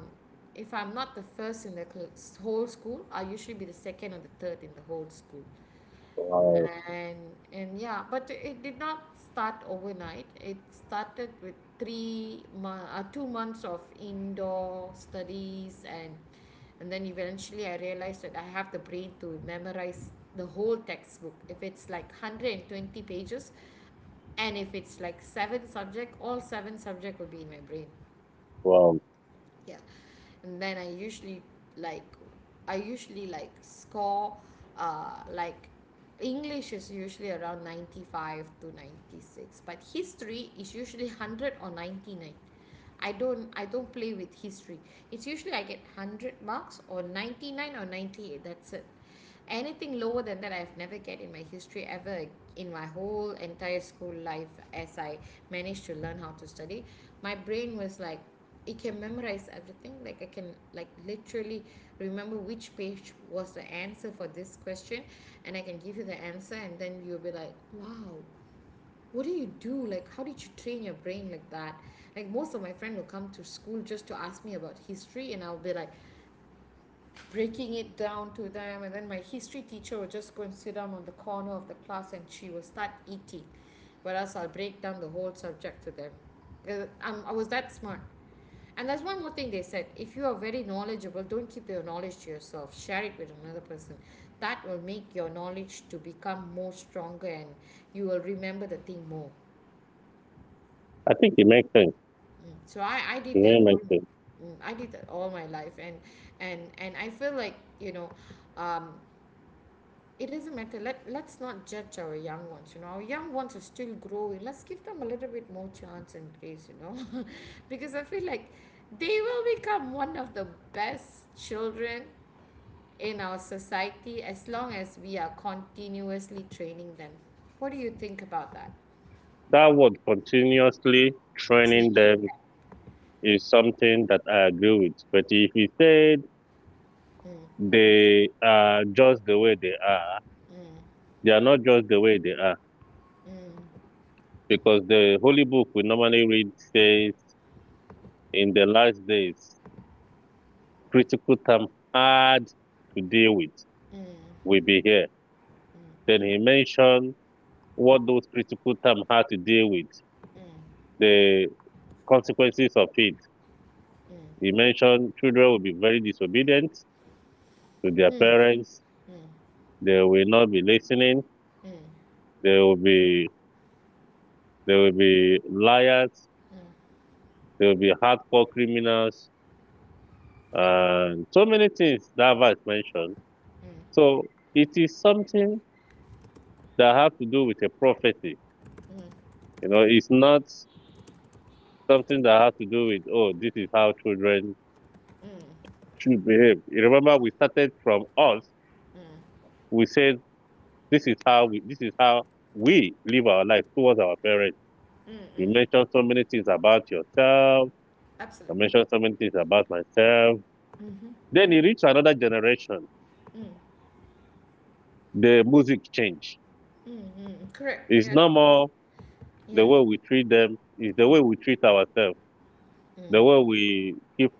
[SPEAKER 1] If I'm not the first in the whole school, I usually be the second or the third in the whole school.
[SPEAKER 2] Wow,
[SPEAKER 1] And and yeah, but it did not start overnight. It started with 2 months of indoor studies, and then eventually I realized that I have the brain to memorize the whole textbook. If it's like 120 pages, and if it's like seven subject, all seven subject will be in my brain.
[SPEAKER 2] wow.
[SPEAKER 1] Yeah. And then like I usually like score uh like english is usually around 95 to 96, but history is usually 100 or 99. I don't play with history. It's usually I get 100 marks or 99 or 98, that's it. Anything lower than that, I've never get in my history ever in my whole entire school life. As I managed to learn how to study, my brain was like, it can memorize everything. Like I can like literally remember which page was the answer for this question, and I can give you the answer, and then you'll be like, wow, what do you do? Like how did you train your brain like that? Like most of my friend will come to school just to ask me about history, and I'll be like, breaking it down to them, and then my history teacher would just go and sit down on the corner of the class and she will start eating, whereas I'll break down the whole subject to them. I was that smart. And there's one more thing they said, if you are very knowledgeable, don't keep your knowledge to yourself, share it with another person. That will make your knowledge to become more stronger, and you will remember the thing more.
[SPEAKER 2] I think it makes sense.
[SPEAKER 1] Mm. So I
[SPEAKER 2] It
[SPEAKER 1] did that
[SPEAKER 2] really
[SPEAKER 1] all.
[SPEAKER 2] makes sense.
[SPEAKER 1] Mm, I did that all my life. And I feel like you know um, it doesn't matter, let's not judge our young ones, you know, our young ones are still growing, let's give them a little bit more chance and grace, because I feel like they will become one of the best children in our society as long as we are continuously training them. What do you think about that?
[SPEAKER 2] That word continuously training
[SPEAKER 1] Training.
[SPEAKER 2] them is something that I agree with. But if you said they are just the way they are not just the way they are. Because the Holy Book we normally read says, in the last days, critical time hard to deal with
[SPEAKER 1] mm,
[SPEAKER 2] will be here. Then he mentioned what those critical terms had to deal with,
[SPEAKER 1] mm,
[SPEAKER 2] the consequences of it. He
[SPEAKER 1] mm,
[SPEAKER 2] mentioned children will be very disobedient to their parents. They will not be listening.
[SPEAKER 1] mm,
[SPEAKER 2] They will be they will be liars. They will be hardcore criminals, and so many things that verse mentioned.
[SPEAKER 1] mm,
[SPEAKER 2] So it is something that has to do with a prophecy. You know, it's not something that has to do with, oh, this is how children should behave. You remember, we started from us. We said, this is how we, this is how we, live our life towards our parents.
[SPEAKER 1] mm,
[SPEAKER 2] You
[SPEAKER 1] mm.
[SPEAKER 2] mentioned so many things about yourself. I
[SPEAKER 1] Absolutely.
[SPEAKER 2] mentioned so many things about myself.
[SPEAKER 1] Mm-hmm.
[SPEAKER 2] Then you reach another generation. The music change.
[SPEAKER 1] Mm-hmm. Correct,
[SPEAKER 2] It's
[SPEAKER 1] yeah.
[SPEAKER 2] no more
[SPEAKER 1] Yeah.
[SPEAKER 2] the way we treat them. It's the way we treat ourselves. The
[SPEAKER 1] mm,
[SPEAKER 2] way we keep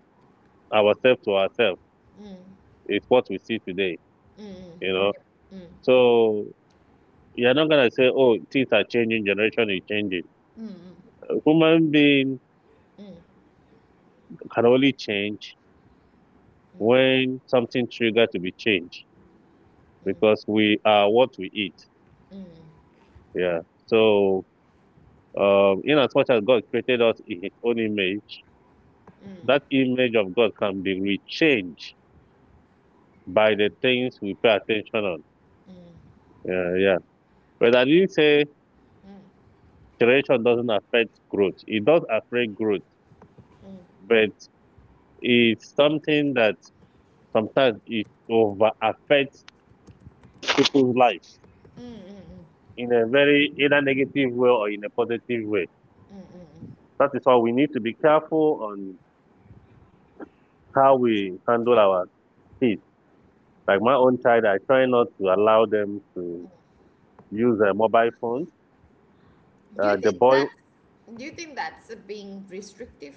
[SPEAKER 2] ourselves to ourselves
[SPEAKER 1] mm,
[SPEAKER 2] is what we see today.
[SPEAKER 1] mm, mm.
[SPEAKER 2] You know.
[SPEAKER 1] Yep. mm,
[SPEAKER 2] So you're not gonna say, "Oh, things are changing. Generation is changing."
[SPEAKER 1] mm, mm,
[SPEAKER 2] A human being
[SPEAKER 1] mm.
[SPEAKER 2] can only change
[SPEAKER 1] mm,
[SPEAKER 2] when something triggered to be changed,
[SPEAKER 1] mm,
[SPEAKER 2] because we are what we eat.
[SPEAKER 1] mm,
[SPEAKER 2] Yeah. So, in as much as God created us in His own image,
[SPEAKER 1] mm,
[SPEAKER 2] that image of God can be rechanged by the things we pay attention on.
[SPEAKER 1] mm,
[SPEAKER 2] Yeah, yeah. But I didn't say generation doesn't affect growth. It does affect growth,
[SPEAKER 1] mm,
[SPEAKER 2] but it's something that sometimes it over affects people's life
[SPEAKER 1] mm, mm.
[SPEAKER 2] in a very either negative way or in a positive way. That is why we need to be careful on how we handle our kids. Like my own child, I try not to allow them to use a mobile phones.
[SPEAKER 1] Do you
[SPEAKER 2] The
[SPEAKER 1] think
[SPEAKER 2] boy,
[SPEAKER 1] that's do you think that's being restrictive?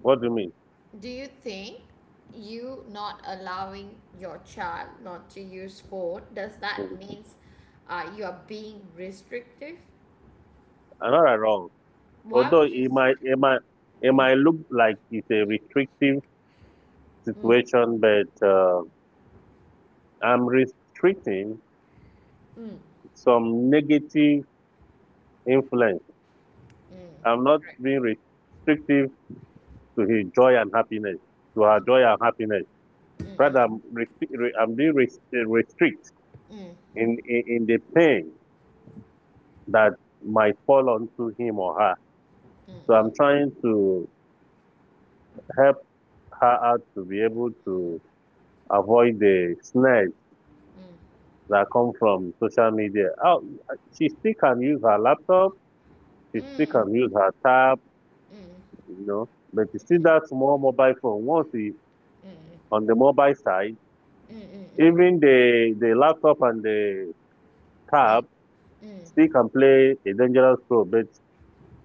[SPEAKER 2] what do you mean?
[SPEAKER 1] Do you think you not allowing your child not to use phone does that means you are being restrictive?
[SPEAKER 2] Another wrong.
[SPEAKER 1] Why
[SPEAKER 2] Although
[SPEAKER 1] would you?
[SPEAKER 2] it
[SPEAKER 1] S-
[SPEAKER 2] might, it might, it might look like it's a restrictive situation, but I'm restricting some negative influence. I'm not
[SPEAKER 1] Correct.
[SPEAKER 2] being restrictive to his joy and happiness, to her joy and happiness. Rather, I'm being restrict
[SPEAKER 1] Mm,
[SPEAKER 2] in the pain that might fall onto him or her.
[SPEAKER 1] mm,
[SPEAKER 2] So
[SPEAKER 1] mm,
[SPEAKER 2] I'm trying to help her out to be able to avoid the snares
[SPEAKER 1] mm,
[SPEAKER 2] that come from social media. Oh, she still can use her laptop, she still
[SPEAKER 1] mm,
[SPEAKER 2] can use her tab,
[SPEAKER 1] mm,
[SPEAKER 2] you know, but you see that small mobile phone, once it,
[SPEAKER 1] mm,
[SPEAKER 2] on the mobile side,
[SPEAKER 1] mm, mm, mm,
[SPEAKER 2] even the laptop and the tab
[SPEAKER 1] mm,
[SPEAKER 2] still can play a dangerous role. But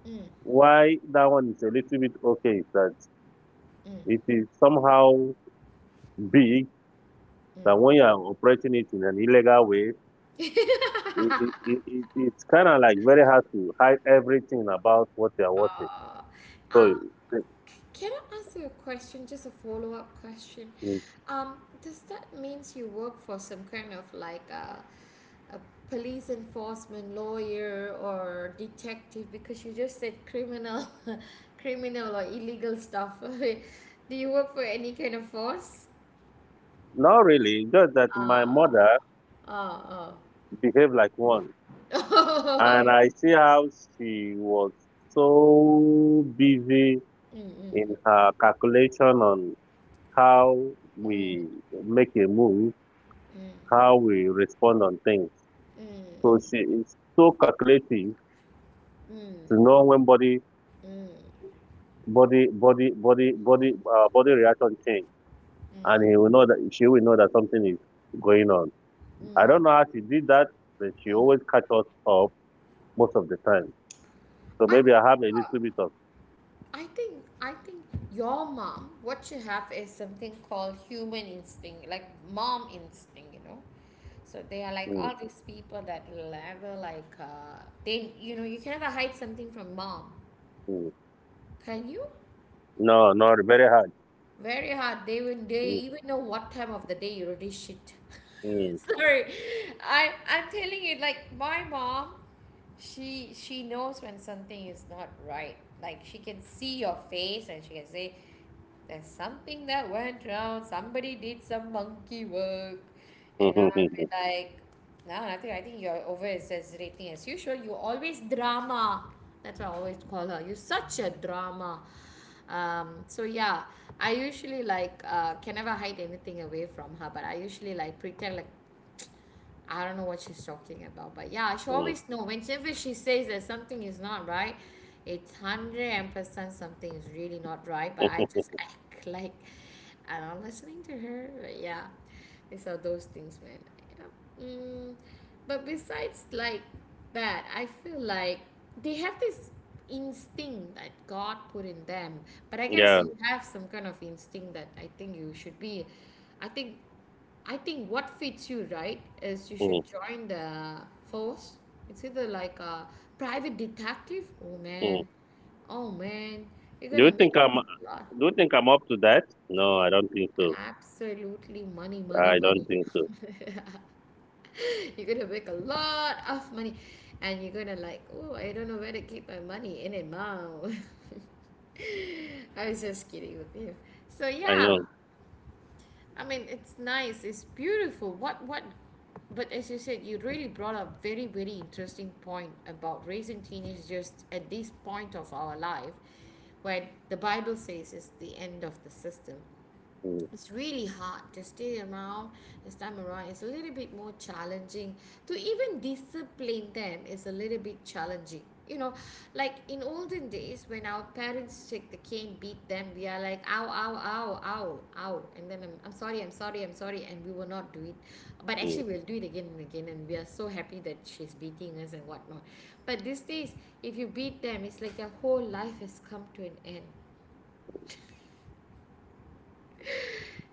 [SPEAKER 1] mm, mm,
[SPEAKER 2] why that one is a little bit okay is that it
[SPEAKER 1] mm.
[SPEAKER 2] is somehow big that when you are operating it in an illegal way, it's kind of like very hard to hide everything about what you are watching.
[SPEAKER 1] Uh,
[SPEAKER 2] So,
[SPEAKER 1] uh,
[SPEAKER 2] it-
[SPEAKER 1] Can I ask you a question? Just a follow up question.
[SPEAKER 2] it-
[SPEAKER 1] Does that means you work for some kind of like a police enforcement lawyer or detective? Because you just said criminal, criminal or illegal stuff. Do you work for any kind of force?
[SPEAKER 2] Not really, just that my
[SPEAKER 1] Ah,
[SPEAKER 2] mother
[SPEAKER 1] ah,
[SPEAKER 2] behaved like one. And
[SPEAKER 1] ah.
[SPEAKER 2] I see how she was so busy
[SPEAKER 1] Mm,
[SPEAKER 2] in her calculation on how
[SPEAKER 1] mm,
[SPEAKER 2] we make a move,
[SPEAKER 1] mm,
[SPEAKER 2] how we respond on things.
[SPEAKER 1] mm,
[SPEAKER 2] So she is so calculative
[SPEAKER 1] mm, mm, mm,
[SPEAKER 2] to know when body,
[SPEAKER 1] mm,
[SPEAKER 2] body, body, body, body, uh, body reaction change and
[SPEAKER 1] mm,
[SPEAKER 2] he will know that she will know that something is going on.
[SPEAKER 1] mm,
[SPEAKER 2] I
[SPEAKER 1] mm.
[SPEAKER 2] don't know how she did that, but she always catch us up most of the time. So
[SPEAKER 1] I
[SPEAKER 2] maybe I
[SPEAKER 1] think.
[SPEAKER 2] have a
[SPEAKER 1] Uh,
[SPEAKER 2] little bit of
[SPEAKER 1] I think I think your mom, what you have is something called human instinct, like mom instinct, you know. So they are like
[SPEAKER 2] mm,
[SPEAKER 1] all these people that will ever like they you know you can never hide something from mom,
[SPEAKER 2] mm.
[SPEAKER 1] can you?
[SPEAKER 2] No, not very hard.
[SPEAKER 1] Very hard. They will they
[SPEAKER 2] Mm,
[SPEAKER 1] even know what time of the day you already shit.
[SPEAKER 2] mm.
[SPEAKER 1] Sorry, I I'm telling you like my mom, she knows when something is not right. Like she can see your face and she can say There's something that went wrong. Somebody did some monkey work. And I'll be like, no, nothing. I think you're over exaggerating as usual. You always drama. That's what I always call her. You're such a drama. So yeah, I usually like can never hide anything away from her, but I usually like pretend like I don't know what she's talking about, but yeah, she
[SPEAKER 2] Mm,
[SPEAKER 1] always know whenever she says that something is not right, it's one hundred and percent something is really not right. But I just act like I'm not listening to her. But yeah, these are those things, man. Yeah. Mm, but besides like that, I feel like they have this instinct that God put in them. But I guess
[SPEAKER 2] yeah.
[SPEAKER 1] you have some kind of instinct that I think you should be. I think I think what fits you right is you
[SPEAKER 2] Mm,
[SPEAKER 1] should join the force. It's either like a private detective. Oh
[SPEAKER 2] mm.
[SPEAKER 1] man, oh man, you're
[SPEAKER 2] Do you
[SPEAKER 1] gonna make
[SPEAKER 2] think I'm?
[SPEAKER 1] a lot,
[SPEAKER 2] Do you think I'm up to that? No, I don't think so.
[SPEAKER 1] absolutely, money, money,
[SPEAKER 2] I don't
[SPEAKER 1] money.
[SPEAKER 2] think so.
[SPEAKER 1] You're gonna make a lot of money, and you're gonna like, oh, I don't know where to keep my money in it now. I was just kidding with you. So
[SPEAKER 2] I
[SPEAKER 1] yeah,
[SPEAKER 2] know.
[SPEAKER 1] I mean, it's nice. It's beautiful. What what? But as you said, you really brought up very very interesting point about raising teenagers just at this point of our life, where the Bible says is the end of the system.
[SPEAKER 2] Mm,
[SPEAKER 1] It's really hard to stay around. This time around it's a little bit more challenging, to even discipline them is a little bit challenging, you know. Like in olden days when our parents take the cane beat them, we are like ow ow ow ow ow, and then I'm sorry, i'm sorry, and we will not do it, but
[SPEAKER 2] mm.
[SPEAKER 1] actually we'll do it again and again, and we are so happy that she's beating us and whatnot. But these days, if you beat them, it's like their whole life has come to an end.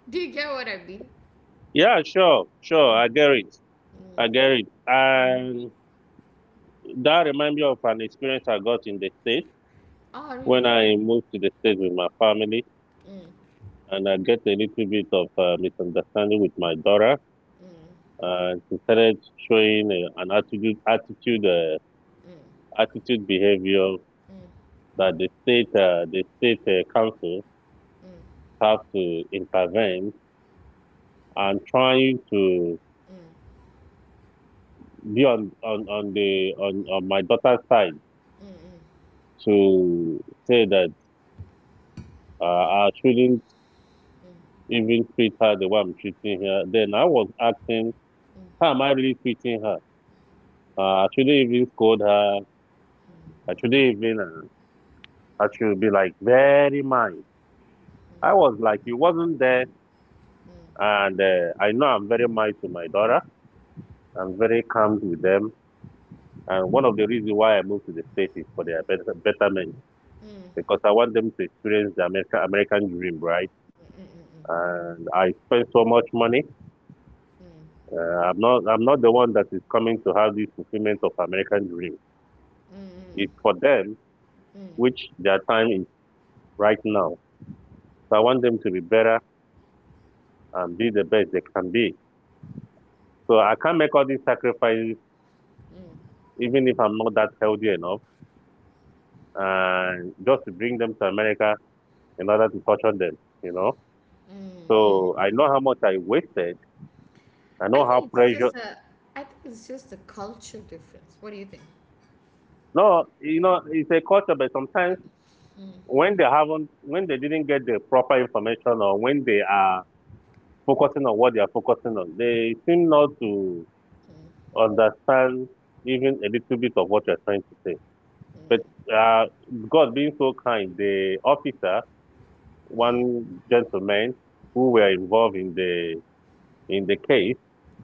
[SPEAKER 1] Do you get what I mean?
[SPEAKER 2] Yeah, sure, sure. I get it. I get it. And that reminds me of an experience I got in the States
[SPEAKER 1] Oh really.
[SPEAKER 2] when I moved to the States with my family,
[SPEAKER 1] Mm.
[SPEAKER 2] and I get a little bit of misunderstanding with my daughter. And she started showing an attitude behavior that the state council have to intervene and trying to be on my daughter's side to say that I shouldn't even treat her the way I'm treating her. Then I was asking, how am I really treating her? Today should even scold her. I should even, I should be like very mad. I was like, you wasn't there. And I know I'm very mild to my daughter. I'm very calm with them. And one of the reasons why I moved to the States is for their betterment, because I want them to experience the America American dream, right? And I spend so much money. I'm not the one that is coming to have this fulfillment of American dream. It's for them, which their time is right now. So I want them to be better and be the best they can be. So I can't make all these sacrifices, even if I'm not that healthy enough, and just to bring them to America in order to torture them, you know. So I know how much I wasted. I
[SPEAKER 1] I
[SPEAKER 2] know how
[SPEAKER 1] think it's
[SPEAKER 2] pressure.
[SPEAKER 1] just a I think it's just a culture difference. What do you think?
[SPEAKER 2] No, you know, it's a culture, but sometimes when they haven't, when they didn't get the proper information or when they are focusing on what they are focusing on, they seem not to understand even a little bit of what you're trying to say. But
[SPEAKER 1] Mm,
[SPEAKER 2] uh, God being so kind, the officer
[SPEAKER 1] mm,
[SPEAKER 2] one gentleman who were involved in the case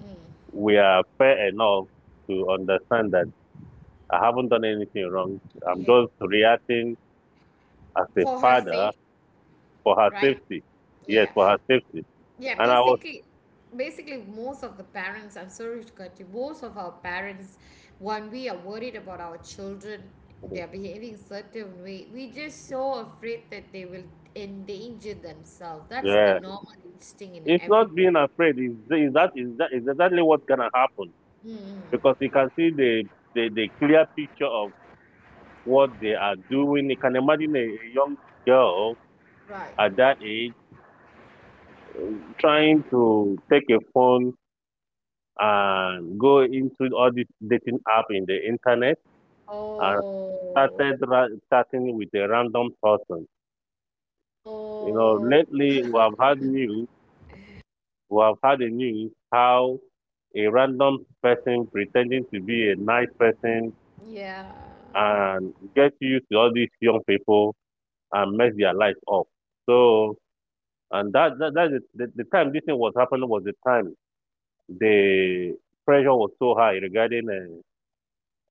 [SPEAKER 1] mm.
[SPEAKER 2] were fair enough to understand that I haven't done anything wrong. I'm
[SPEAKER 1] Yeah.
[SPEAKER 2] just reacting as a
[SPEAKER 1] For her
[SPEAKER 2] father
[SPEAKER 1] safe,
[SPEAKER 2] for her
[SPEAKER 1] right?
[SPEAKER 2] safety. Yes,
[SPEAKER 1] Yeah.
[SPEAKER 2] for her safety.
[SPEAKER 1] Yeah,
[SPEAKER 2] And I was
[SPEAKER 1] basically, basically, most of the parents, I'm sorry to cut you, most of our parents, when we are worried about our children, they're behaving certain way, we just so afraid that they will endanger themselves. That's the
[SPEAKER 2] yeah.
[SPEAKER 1] normal instinct in
[SPEAKER 2] It's not
[SPEAKER 1] every.
[SPEAKER 2] being afraid. Is that is that is exactly what's gonna happen because you can see the clear picture of what they are doing. You can imagine a young girl
[SPEAKER 1] Right.
[SPEAKER 2] at that age trying to take a phone and go into all these dating app in the internet and
[SPEAKER 1] Oh,
[SPEAKER 2] starting with a random person. You know,
[SPEAKER 1] oh,
[SPEAKER 2] lately we have had news, we have had a news how a random person pretending to be a nice person
[SPEAKER 1] yeah.
[SPEAKER 2] and get used to all these young people and mess their life up. So, and that, that, that is the time this thing was happening was the time the pressure was so high regarding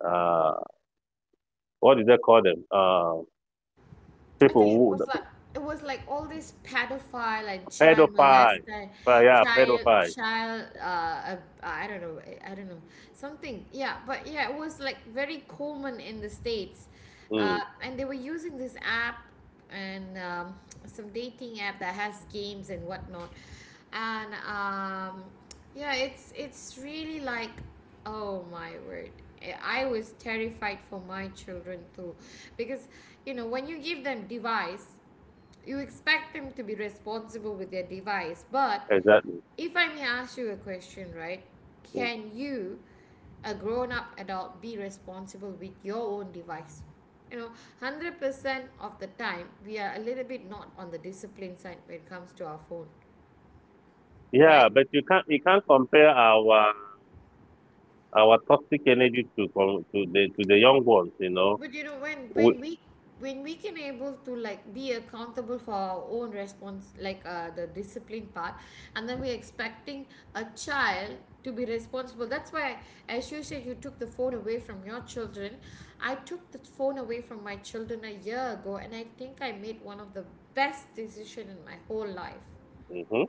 [SPEAKER 2] uh, uh, what do they call them?
[SPEAKER 1] I
[SPEAKER 2] People
[SPEAKER 1] think it
[SPEAKER 2] who
[SPEAKER 1] was like it was like all these pedophile and child
[SPEAKER 2] pedophiles.
[SPEAKER 1] molester,
[SPEAKER 2] But yeah,
[SPEAKER 1] child
[SPEAKER 2] pedophiles.
[SPEAKER 1] child I don't know, something, yeah, but yeah it was like very common in the states,
[SPEAKER 2] Mm,
[SPEAKER 1] and they were using this app and some dating app that has games and whatnot, and yeah it's really like, oh my word. I was terrified for my children too. Because, you know, when you give them device, you expect them to be responsible with their device. But
[SPEAKER 2] exactly.
[SPEAKER 1] if I may ask you a question, right?
[SPEAKER 2] Mm.
[SPEAKER 1] Can you, a grown up adult, be responsible with your own device? You know, 100% of the time, we are a little bit not on the discipline side when it comes to our phone,
[SPEAKER 2] Yeah,
[SPEAKER 1] right?
[SPEAKER 2] but you can't compare our toxic energy to to the young ones. You know.
[SPEAKER 1] But you know, when
[SPEAKER 2] We,
[SPEAKER 1] when we when we can able to like be accountable for our own response, like the discipline part, and then we're expecting a child to be responsible. That's why, as you said, you took the phone away from your children. I took the phone away from my children a year ago, and I think I made one of the best decision in my whole life.
[SPEAKER 2] hmm.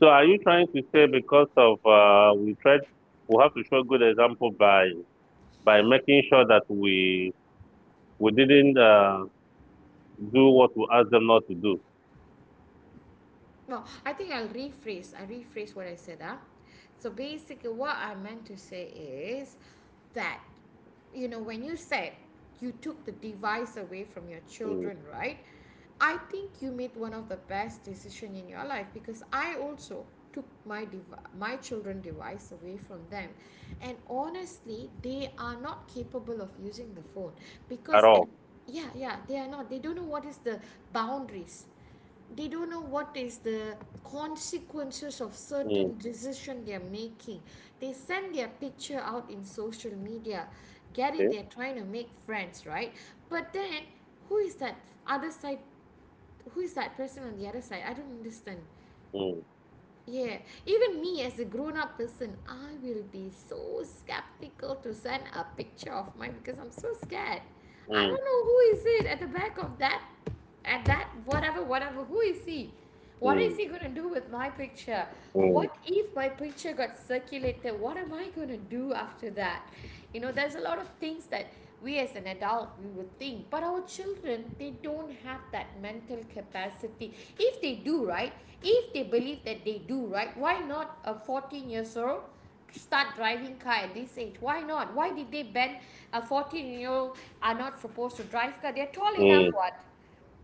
[SPEAKER 2] So are you trying to say because of we tried we have to show good example by making sure that we didn't do what we asked them not to do?
[SPEAKER 1] No, I think I'll rephrase. I rephrase what I said. Huh? So basically, what I meant to say is that, you know, when you said you took the device away from your
[SPEAKER 2] Mm,
[SPEAKER 1] children, right? I think you made one of the best decision in your life, because I also took my my children device away from them, and honestly they are not capable of using the phone,
[SPEAKER 2] at
[SPEAKER 1] because and
[SPEAKER 2] all.
[SPEAKER 1] yeah. Yeah, they are not, they don't know what is the boundaries, they don't know what is the consequences of
[SPEAKER 2] Mm,
[SPEAKER 1] certain decision they're making. They send their picture out in social media, get it,
[SPEAKER 2] okay.
[SPEAKER 1] they're trying to make friends, right? But then, who is that other side, who is that person on the other side, I don't understand.
[SPEAKER 2] Mm,
[SPEAKER 1] Yeah, even me as a grown up person, I will be so skeptical to send a picture of mine because I'm so scared. I
[SPEAKER 2] mm,
[SPEAKER 1] don't know who is it at the back of that, at that, whatever, whatever. Who is he? What is
[SPEAKER 2] mm,
[SPEAKER 1] he gonna do with my picture?
[SPEAKER 2] mm,
[SPEAKER 1] What if my picture got circulated? What am I gonna do after that? You know, there's a lot of things that we as an adult we would think, but our children they don't have that mental capacity. If they do, right? If they believe that they do, right, why not a 14 years old start driving car at this age? Why not? Why did they ban? A 14 year old are not supposed to drive car. They're tall enough.
[SPEAKER 2] mm,
[SPEAKER 1] What,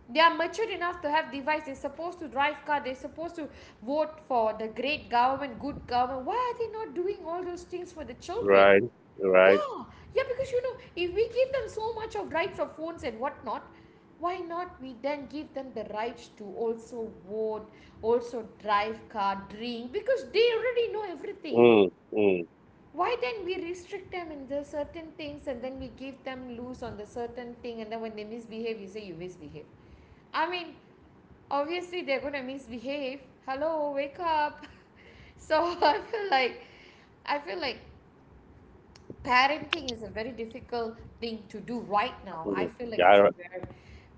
[SPEAKER 1] they are mature enough to have device, they're supposed to drive car, they're supposed to vote for the great government, good government. Why are they not doing all those things for the children?
[SPEAKER 2] right. Right.
[SPEAKER 1] Yeah, yeah, because if we give them so much of rights of phones and whatnot, why not we then give them the rights to also vote, also drive car, drink, because they already know everything.
[SPEAKER 2] Mm, mm,
[SPEAKER 1] Why then we restrict them in the certain things and then we give them loose on the certain thing and then when they misbehave, you say you misbehave. I mean, obviously they're gonna misbehave. Hello, wake up. So I feel like I feel like parenting is a very difficult thing to do right now. I
[SPEAKER 2] mm.
[SPEAKER 1] feel like it's a
[SPEAKER 2] Yeah,
[SPEAKER 1] very,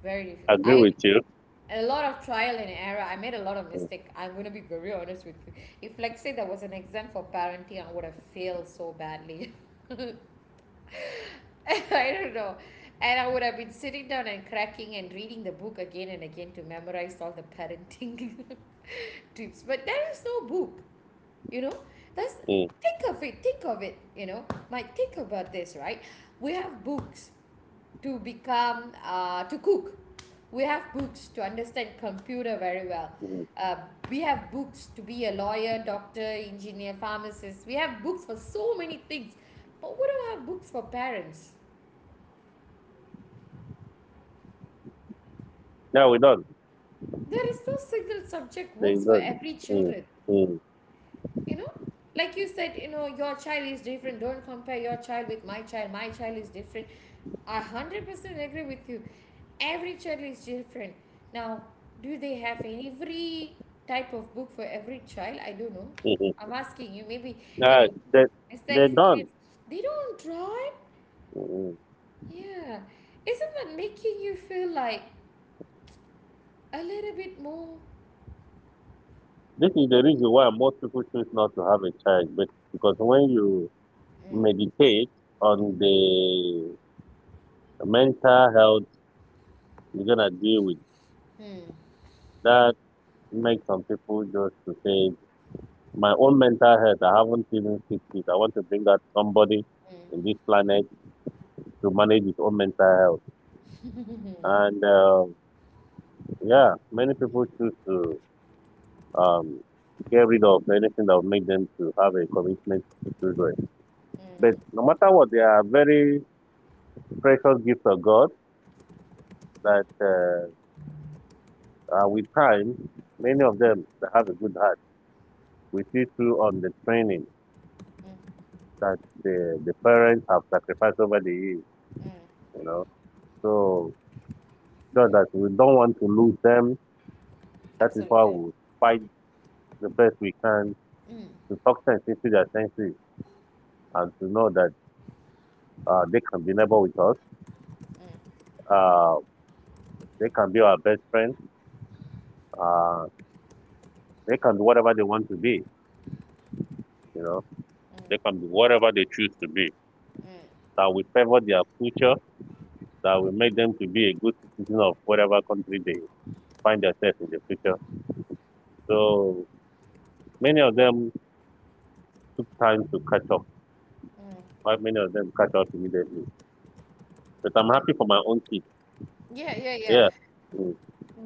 [SPEAKER 1] very
[SPEAKER 2] I
[SPEAKER 1] difficult.
[SPEAKER 2] agree
[SPEAKER 1] I
[SPEAKER 2] with you.
[SPEAKER 1] a lot of trial and error. I made a lot of
[SPEAKER 2] Mm,
[SPEAKER 1] mistake. I'm gonna be very honest with you. If like say there was an exam for parenting, I would have failed so badly. I don't know. And I would have been sitting down and cracking and reading the book again and again to memorize all the parenting tips. But there is no book, you know. That's
[SPEAKER 2] mm,
[SPEAKER 1] think of it, you know. Mike, think about this, right? We have books to become to cook, we have books to understand computer very well,
[SPEAKER 2] mm.
[SPEAKER 1] uh, we have books to be a lawyer, doctor, engineer, pharmacist, we have books for so many things, but we don't have books for parents.
[SPEAKER 2] No, we don't.
[SPEAKER 1] There is no single subject
[SPEAKER 2] They
[SPEAKER 1] works for
[SPEAKER 2] don't.
[SPEAKER 1] every
[SPEAKER 2] Mm,
[SPEAKER 1] children,
[SPEAKER 2] mm,
[SPEAKER 1] you know. Like you said, you know your child is different. Don't compare your child with my child. My child is different. I 100% agree with you. Every child is different. Now, do they have every type of book for every child? I don't know.
[SPEAKER 2] mm.
[SPEAKER 1] I'm asking you maybe. You
[SPEAKER 2] Uh,
[SPEAKER 1] know,
[SPEAKER 2] they,
[SPEAKER 1] it's the
[SPEAKER 2] they don't.
[SPEAKER 1] experience. They don't, right?
[SPEAKER 2] Mm, mm.
[SPEAKER 1] Yeah. Isn't that making you feel like a little bit more
[SPEAKER 2] This is the reason why most people choose not to have a child, but because when you
[SPEAKER 1] mm,
[SPEAKER 2] meditate on the mental health you're gonna deal with,
[SPEAKER 1] mm,
[SPEAKER 2] that makes some people just to say, my own mental health, I haven't even fixed it. I want to bring out somebody
[SPEAKER 1] mm,
[SPEAKER 2] in this planet to manage his own mental health. And Yeah, many people choose to um, get rid of anything that would make them to have a commitment to children. But
[SPEAKER 1] mm,
[SPEAKER 2] no matter what, they are very precious gifts of God that with time, many of them they have a good heart. We see through on the training
[SPEAKER 1] mm,
[SPEAKER 2] that the parents have sacrificed over the years,
[SPEAKER 1] mm.
[SPEAKER 2] you know. So sure that we don't want to lose them. That is why
[SPEAKER 1] Absolutely.
[SPEAKER 2] we fight the best we can
[SPEAKER 1] Mm,
[SPEAKER 2] to talk sense into their senses and to know that they can be neighbor with us.
[SPEAKER 1] mm.
[SPEAKER 2] Uh, they can be our best friends. Uh, they can be whatever they want to be. You know,
[SPEAKER 1] Mm,
[SPEAKER 2] they can be whatever they choose to be.
[SPEAKER 1] mm.
[SPEAKER 2] That we favor their future. That we make them to be a good citizen of whatever country they find themselves in the future. So many of them took time to catch up.
[SPEAKER 1] Mm,
[SPEAKER 2] Not many of them catch up immediately. But I'm
[SPEAKER 1] mm.
[SPEAKER 2] happy for my own kids.
[SPEAKER 1] Yeah, yeah, yeah.
[SPEAKER 2] Yeah. Mm.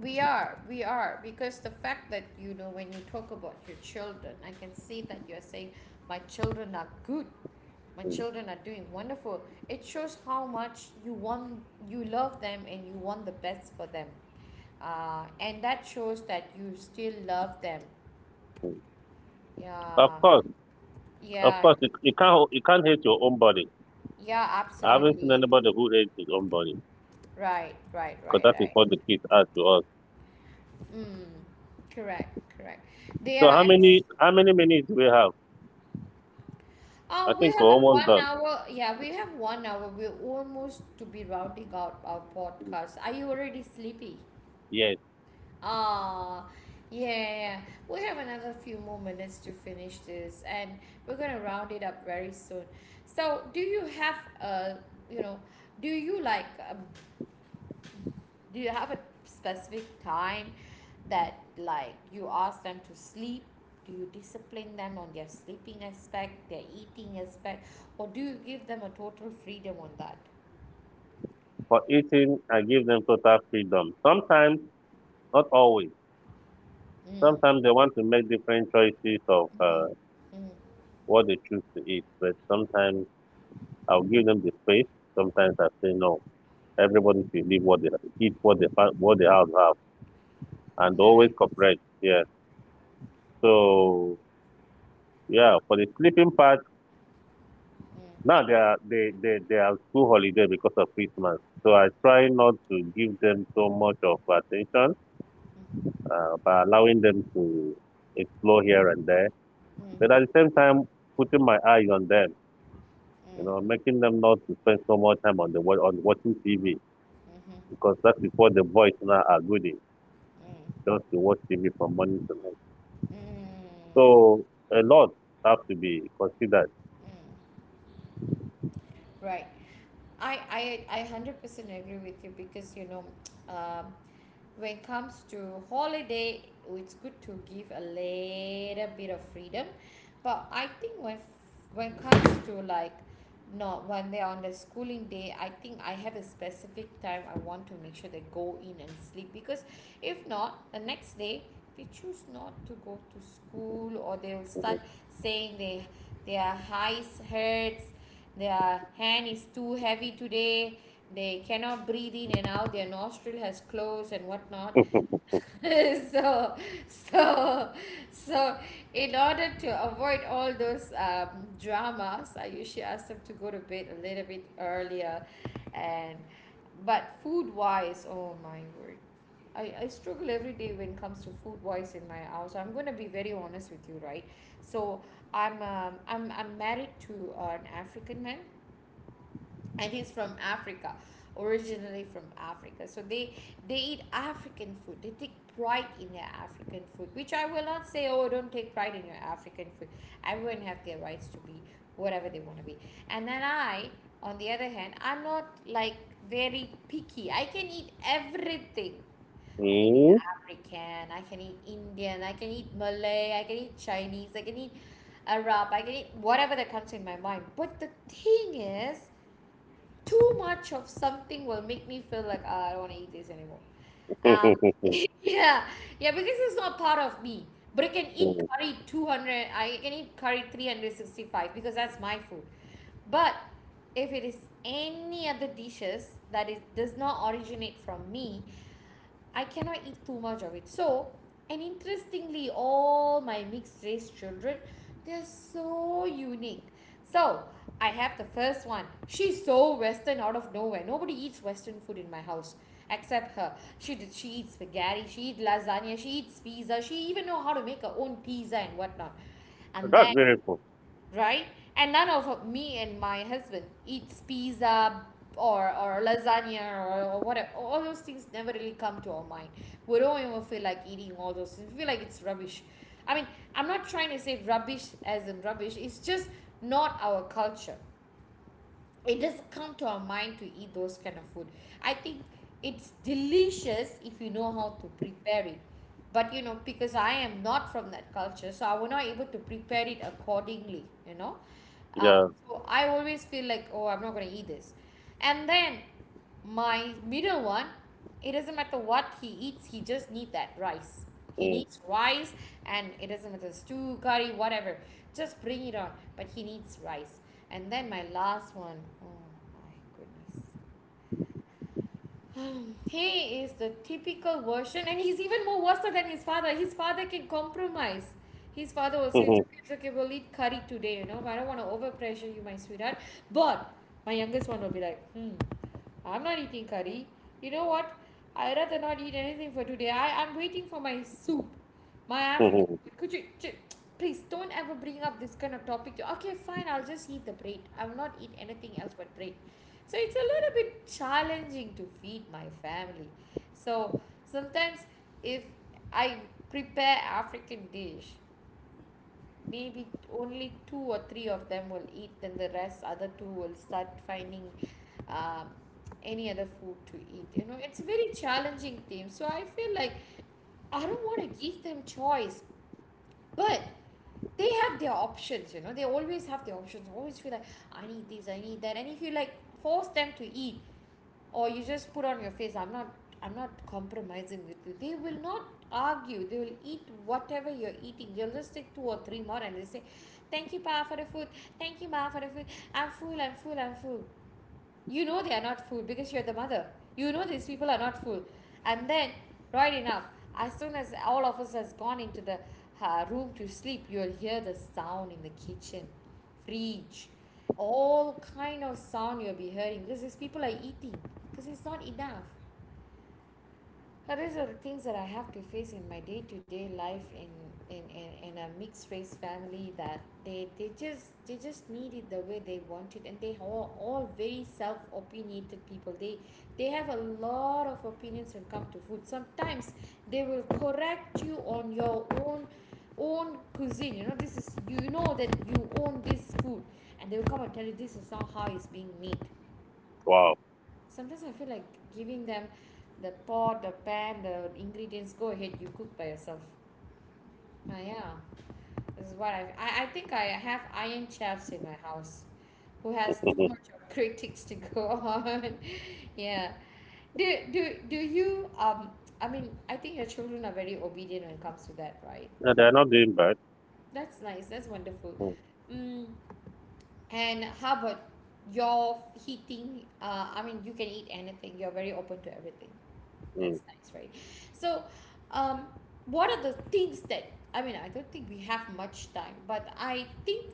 [SPEAKER 1] We are, because the fact that, you know, when you talk about your children, I can see that you're saying, my children are good, my children are doing wonderful. It shows how much you want, you love them and you want the best for them. And that shows that you still love them.
[SPEAKER 2] Of
[SPEAKER 1] Yeah,
[SPEAKER 2] course, of
[SPEAKER 1] yeah,
[SPEAKER 2] course, you, you can't hate your own body.
[SPEAKER 1] yeah,
[SPEAKER 2] I haven't seen
[SPEAKER 1] absolutely.
[SPEAKER 2] anybody who hates his own body
[SPEAKER 1] Right, right,
[SPEAKER 2] because
[SPEAKER 1] right,
[SPEAKER 2] that is
[SPEAKER 1] right.
[SPEAKER 2] what the kids are to us.
[SPEAKER 1] Mm, correct, correct. They are
[SPEAKER 2] So
[SPEAKER 1] actually.
[SPEAKER 2] how many minutes do we have? I
[SPEAKER 1] We
[SPEAKER 2] think we're
[SPEAKER 1] have a
[SPEAKER 2] almost
[SPEAKER 1] one
[SPEAKER 2] done.
[SPEAKER 1] hour. Yeah, we have 1 hour. We're almost to be rounding out our podcast. Are you already sleepy?
[SPEAKER 2] Yes.
[SPEAKER 1] Ah, yeah, yeah. We have another few more minutes to finish this, and we're gonna round it up very soon. So, do you have you know, do you like do you have a specific time that like you ask them to sleep? Do you discipline them on their sleeping aspect, their eating aspect, or do you give them a total freedom on that?
[SPEAKER 2] For eating, I give them total freedom. Sometimes, not always.
[SPEAKER 1] Mm.
[SPEAKER 2] Sometimes they want to make different choices of
[SPEAKER 1] Mm-hmm. Mm.
[SPEAKER 2] what they choose to eat, but sometimes I'll give them the space. Sometimes I say no. Everybody should leave what they eat, what they what they have, and always
[SPEAKER 1] Right.
[SPEAKER 2] cooperate. Yeah. So yeah, for the sleeping part.
[SPEAKER 1] Mm.
[SPEAKER 2] Now they are they are school holiday because of Christmas. So I try not to give them so much of attention, by allowing them to explore here and there.
[SPEAKER 1] Mm. Mm.
[SPEAKER 2] But at the same time, putting my eye on them, you know, making them not to spend so much time on the on watching TV,
[SPEAKER 1] Mm. Mm.
[SPEAKER 2] because that is what the boys now are good in, just to watch TV from morning to night.
[SPEAKER 1] Mm.
[SPEAKER 2] So a lot have to be considered.
[SPEAKER 1] Mm. Right. I 100% agree with you because you know um, when it comes to holiday, it's good to give a little bit of freedom. But I think when it comes to like, not when they're on the schooling day, I think I have a specific time. I want to make sure they go in and sleep, because if not, the next day they choose not to go to school or they'll start saying they, their eyes hurts, their hand is too heavy today, they cannot breathe in and out, their nostril has closed and whatnot. so so so in order to avoid all those dramas, I usually ask them to go to bed a little bit earlier. And but food wise, oh my word, I struggle every day when it comes to food wise in my house. I'm going to be very honest with you, right? So I'm I'm married to an African man, and he's from Africa, originally from Africa. So they eat African food. They take pride in their African food, which I will not say. Oh, don't take pride in your African food. Everyone have their rights to be whatever they want to be. And then on the other hand, I'm not like very picky. I can eat everything. I can eat
[SPEAKER 2] Mm.
[SPEAKER 1] African, I can eat Indian, I can eat Malay, I can eat Chinese, I can eat Arab, I can eat whatever that comes in my mind. But the thing is, too much of something will make me feel like "Ah, I don't want to eat this anymore." Um, yeah, yeah, because it's not part of me. But I can eat
[SPEAKER 2] That's
[SPEAKER 1] curry 200, I can eat curry 365 because that's my food. But if it is any other dishes that is does not originate from me, I cannot eat too much of it. So, and interestingly, all my mixed race children, they're so unique. So, I have the first one. She's so Western out of nowhere. Nobody eats Western food in my house except her. She did. She eats spaghetti. She eats lasagna. She eats pizza. She even know how to make her own pizza and whatnot. And then
[SPEAKER 2] very cool.
[SPEAKER 1] right? And none of me and my husband eats pizza or lasagna or whatever. All those things never really come to our mind. We don't even feel like eating all those things. We feel like it's rubbish. I mean, I'm not trying to say rubbish as in rubbish, it's just not our culture. It doesn't come to our mind to eat those kind of food. I think it's delicious if you know how to prepare it, but you know, because I am not from that culture, so I was not able to prepare it accordingly, you know.
[SPEAKER 2] Yeah.
[SPEAKER 1] So I always feel like, oh, I'm not going to eat this. And then my middle one, it doesn't matter what he eats, he just need that rice. He
[SPEAKER 2] Mm.
[SPEAKER 1] needs rice. And it doesn't matter stew, curry, whatever, just bring it on. But he needs rice. And then my last one. Oh my goodness. He is the typical version, and he's even more worse than his father. His father can compromise. His father will say it's okay, it's okay, we'll eat curry today, you know, but I don't want to overpressure you, my sweetheart. But my youngest one will be like, hmm, I'm not eating curry. You know what, I'd rather not eat anything for today. I'm waiting for my soup, my African food. Could you ch- please don't ever bring up this kind of topic to, okay fine, I'll just eat the bread. I will not eat anything else but bread. So it's a little bit challenging to feed my family. So sometimes if I prepare African dish, maybe only two or three of them will eat, then the rest other two will start finding um, any other food to eat. You know, it's a very challenging thing. So I feel like I don't want to give them choice, but they have their options, you know. They always have their options. Always feel like I need this, I need that, and if you like force them to eat, or you just put on your face, I'm not, compromising with you, they will not argue. They will eat whatever you're eating. They'll just take two or three more and they say, thank you pa for the food, thank you ma for the food, I'm full, I'm full, I'm full. You know, they are not fool because you're the mother. You know, these people are not fool. And then right enough, as soon as all of us has gone into the room to sleep, you'll hear the sound in the kitchen, fridge, all kind of sound you'll be hearing because these people are eating, because it's not enough. These are the things that I have to face in my day to day life in, in a mixed race family, that they just need it the way they want it, and they are all very self opinionated people. They have a lot of opinions when it comes to food. Sometimes they will correct you on your own cuisine. You know, this is that you own this food, and they will come and tell you this is not how it's being made.
[SPEAKER 2] Wow.
[SPEAKER 1] Sometimes I feel like giving them the pot, the pan, the ingredients. Go ahead, you cook by yourself. Ah, yeah. This is what I think. I have iron chefs in my house who has too
[SPEAKER 2] Hmm.
[SPEAKER 1] much of critics to go on. Yeah. do do do you um I mean I think your children are very obedient when it comes to that, right?
[SPEAKER 2] No, they are not doing bad.
[SPEAKER 1] That's nice, that's wonderful.
[SPEAKER 2] Mm.
[SPEAKER 1] Mm, and how about your eating, I mean, you can eat anything, you're very open to everything.
[SPEAKER 2] Mm.
[SPEAKER 1] That's nice, right? So, um, what are the things that, I mean, I don't think we have much time, but I think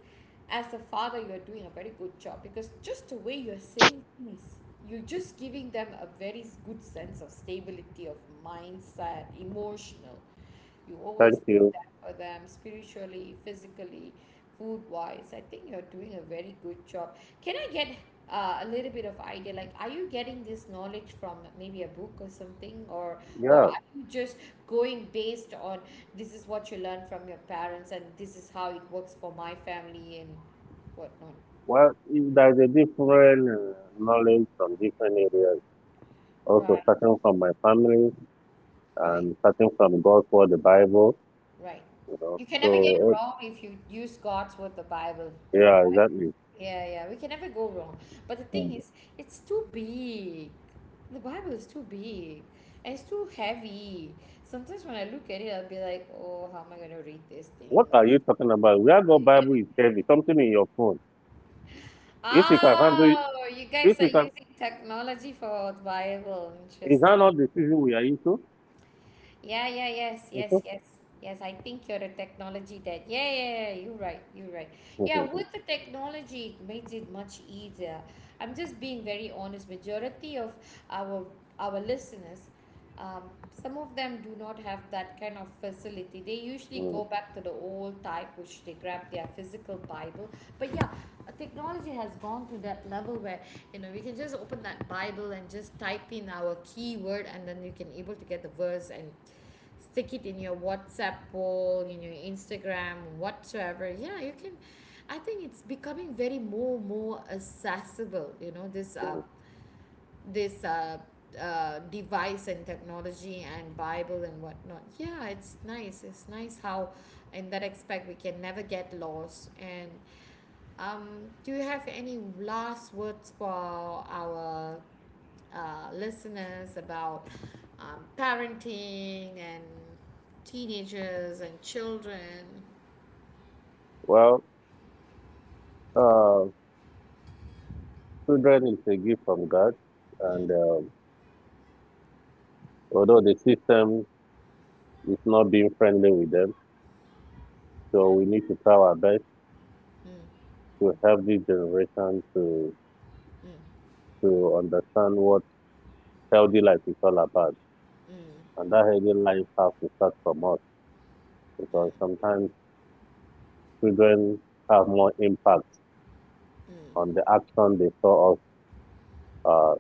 [SPEAKER 1] as a father, you're doing a very good job, because just the way you're saying things, you're just giving them a very good sense of stability, of mindset, emotional. You always
[SPEAKER 2] Thank you.
[SPEAKER 1] be there for them spiritually, physically, food wise. I think you're doing a very good job. Can I get a little bit of idea, like, are you getting this knowledge from maybe a book or something, or
[SPEAKER 2] Yeah,
[SPEAKER 1] are you just going based on this is what you learned from your parents and this is how it works for my family and whatnot?
[SPEAKER 2] there is a different knowledge from different areas. Also,
[SPEAKER 1] Right,
[SPEAKER 2] starting from my family
[SPEAKER 1] right,
[SPEAKER 2] and starting from God's Word, the Bible.
[SPEAKER 1] right.
[SPEAKER 2] You know,
[SPEAKER 1] You can
[SPEAKER 2] so
[SPEAKER 1] never get
[SPEAKER 2] oh,
[SPEAKER 1] wrong if you use God's Word, the Bible.
[SPEAKER 2] yeah,
[SPEAKER 1] Right?
[SPEAKER 2] exactly.
[SPEAKER 1] Yeah, yeah, we can never go wrong. But the thing
[SPEAKER 2] Mm.
[SPEAKER 1] is, it's too big. The Bible is too big and it's too heavy. Sometimes when I look at it, I'll be like, oh, how am I going to read this thing?
[SPEAKER 2] What are
[SPEAKER 1] It's...
[SPEAKER 2] you talking about? Where God Bible is heavy, something in your phone. If you can handle, it,
[SPEAKER 1] Oh, you guys
[SPEAKER 2] if
[SPEAKER 1] are
[SPEAKER 2] you can,
[SPEAKER 1] using technology for the Bible.
[SPEAKER 2] is
[SPEAKER 1] Interesting.
[SPEAKER 2] that not the season we are into?
[SPEAKER 1] Yeah, yeah, yes,
[SPEAKER 2] Mhm.
[SPEAKER 1] yes, yes. Yes, I think you're a technology dad. Yeah, yeah, yeah, you're right, you're right. Yeah, with the technology, it makes it much easier. I'm just being very honest. Majority of our our listeners, um, some of them do not have that kind of facility. They usually
[SPEAKER 2] Mm,
[SPEAKER 1] go back to the old type, which they grab their physical Bible. But yeah, technology has gone to that level where, you know, we can just open that Bible and just type in our keyword, and then you can able to get the verse and stick it in your WhatsApp poll, in your Instagram, whatsoever. Yeah, you can. I think it's becoming very more accessible. You know, this uh
[SPEAKER 2] mm.
[SPEAKER 1] this uh, uh device and technology and Bible and whatnot. Yeah, it's nice. It's nice how in that aspect we can never get lost. And do you have any last words for our listeners about parenting and teenagers and children?
[SPEAKER 2] Well, uh, Children is a gift from God,
[SPEAKER 1] Mm,
[SPEAKER 2] and although the system It's not being friendly with them. So we need to try our best
[SPEAKER 1] mm,
[SPEAKER 2] to help this generation
[SPEAKER 1] mm,
[SPEAKER 2] to understand what healthy life is all about.
[SPEAKER 1] mm,
[SPEAKER 2] And that healthy life has to start from us because sometimes children have more impact
[SPEAKER 1] mm, mm,
[SPEAKER 2] on the action they saw us uh,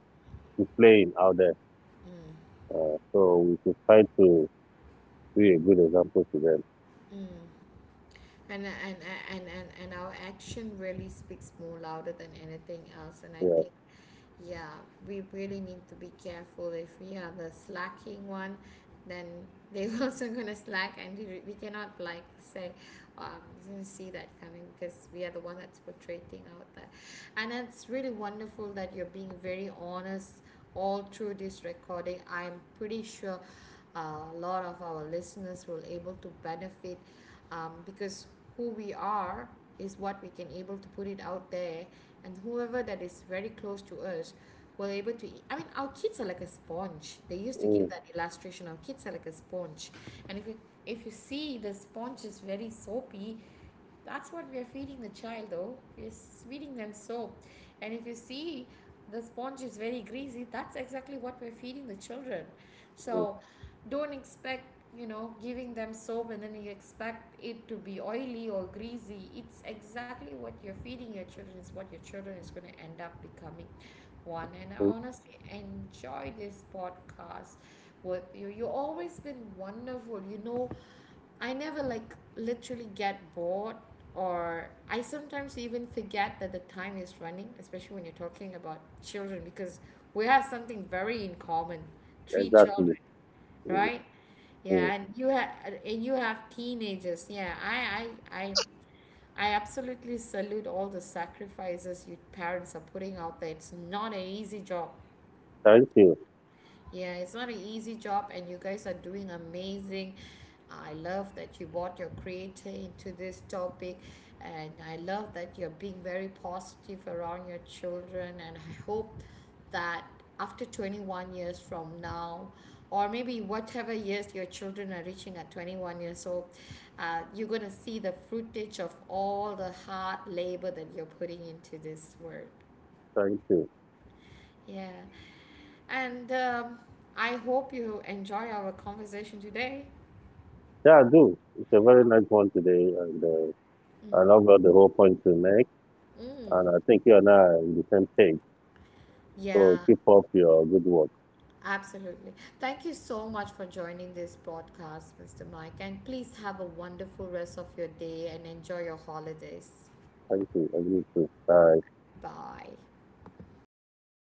[SPEAKER 2] playing out there. So we should try to be a good example to them.
[SPEAKER 1] mm, mm. And, and, and our action really speaks more louder than anything else. And I
[SPEAKER 2] Yeah.
[SPEAKER 1] think. Yeah, we really need to be careful. If we are the slacking one, then they are also gonna slack, and we cannot like say, didn't see that coming, because we are the one that's portraying out that. And it's really wonderful that you're being very honest all through this recording. I'm pretty sure a lot of our listeners will able to benefit, because who we are is what we can able to put it out there, and whoever that is very close to us were able to eat. I mean, our kids are like a sponge. They used to give
[SPEAKER 2] Mm,
[SPEAKER 1] that illustration. Our kids are like a sponge, and if you see the sponge is very soapy, that's what we are feeding the child, though we're feeding them soap. And if you see the sponge is very greasy, that's exactly what we're feeding the children.
[SPEAKER 2] mm,
[SPEAKER 1] So don't expect, you know, giving them soap and then you expect it to be oily or greasy. It's exactly what you're feeding your children is what your children is going to end up becoming one. And I
[SPEAKER 2] mm,
[SPEAKER 1] honestly enjoy this podcast with you. You have always been wonderful, you know. I never like literally get bored, or I sometimes even forget that the time is running, especially when you're talking about children, because we have something very in common. Three
[SPEAKER 2] exactly.
[SPEAKER 1] children,
[SPEAKER 2] Mm,
[SPEAKER 1] right?
[SPEAKER 2] mm.
[SPEAKER 1] Yeah, and you have teenagers. Yeah, I absolutely salute all the sacrifices you parents are putting out there. It's not an easy job.
[SPEAKER 2] Thank you.
[SPEAKER 1] Yeah, it's not an easy job, and you guys are doing amazing. I love that you brought your creator into this topic, and I love that you're being very positive around your children. And I hope that after 21 years from now, or maybe whatever years your children are reaching at 21 years old, you're going to see the fruitage of all the hard labor that you're putting into this work.
[SPEAKER 2] Thank you.
[SPEAKER 1] Yeah. And I hope you enjoy our conversation today.
[SPEAKER 2] Yeah, I do. It's a very nice one today, and I
[SPEAKER 1] Mm-hmm.
[SPEAKER 2] love got the whole point to make,
[SPEAKER 1] Mm.
[SPEAKER 2] and I think you and I are on the same page. So
[SPEAKER 1] Yeah,
[SPEAKER 2] keep up your good work.
[SPEAKER 1] absolutely. Thank you so much for joining this podcast, Mr. Mike. And please have a wonderful rest of your day and enjoy your holidays.
[SPEAKER 2] Thank you. I you too. Bye.
[SPEAKER 1] Bye.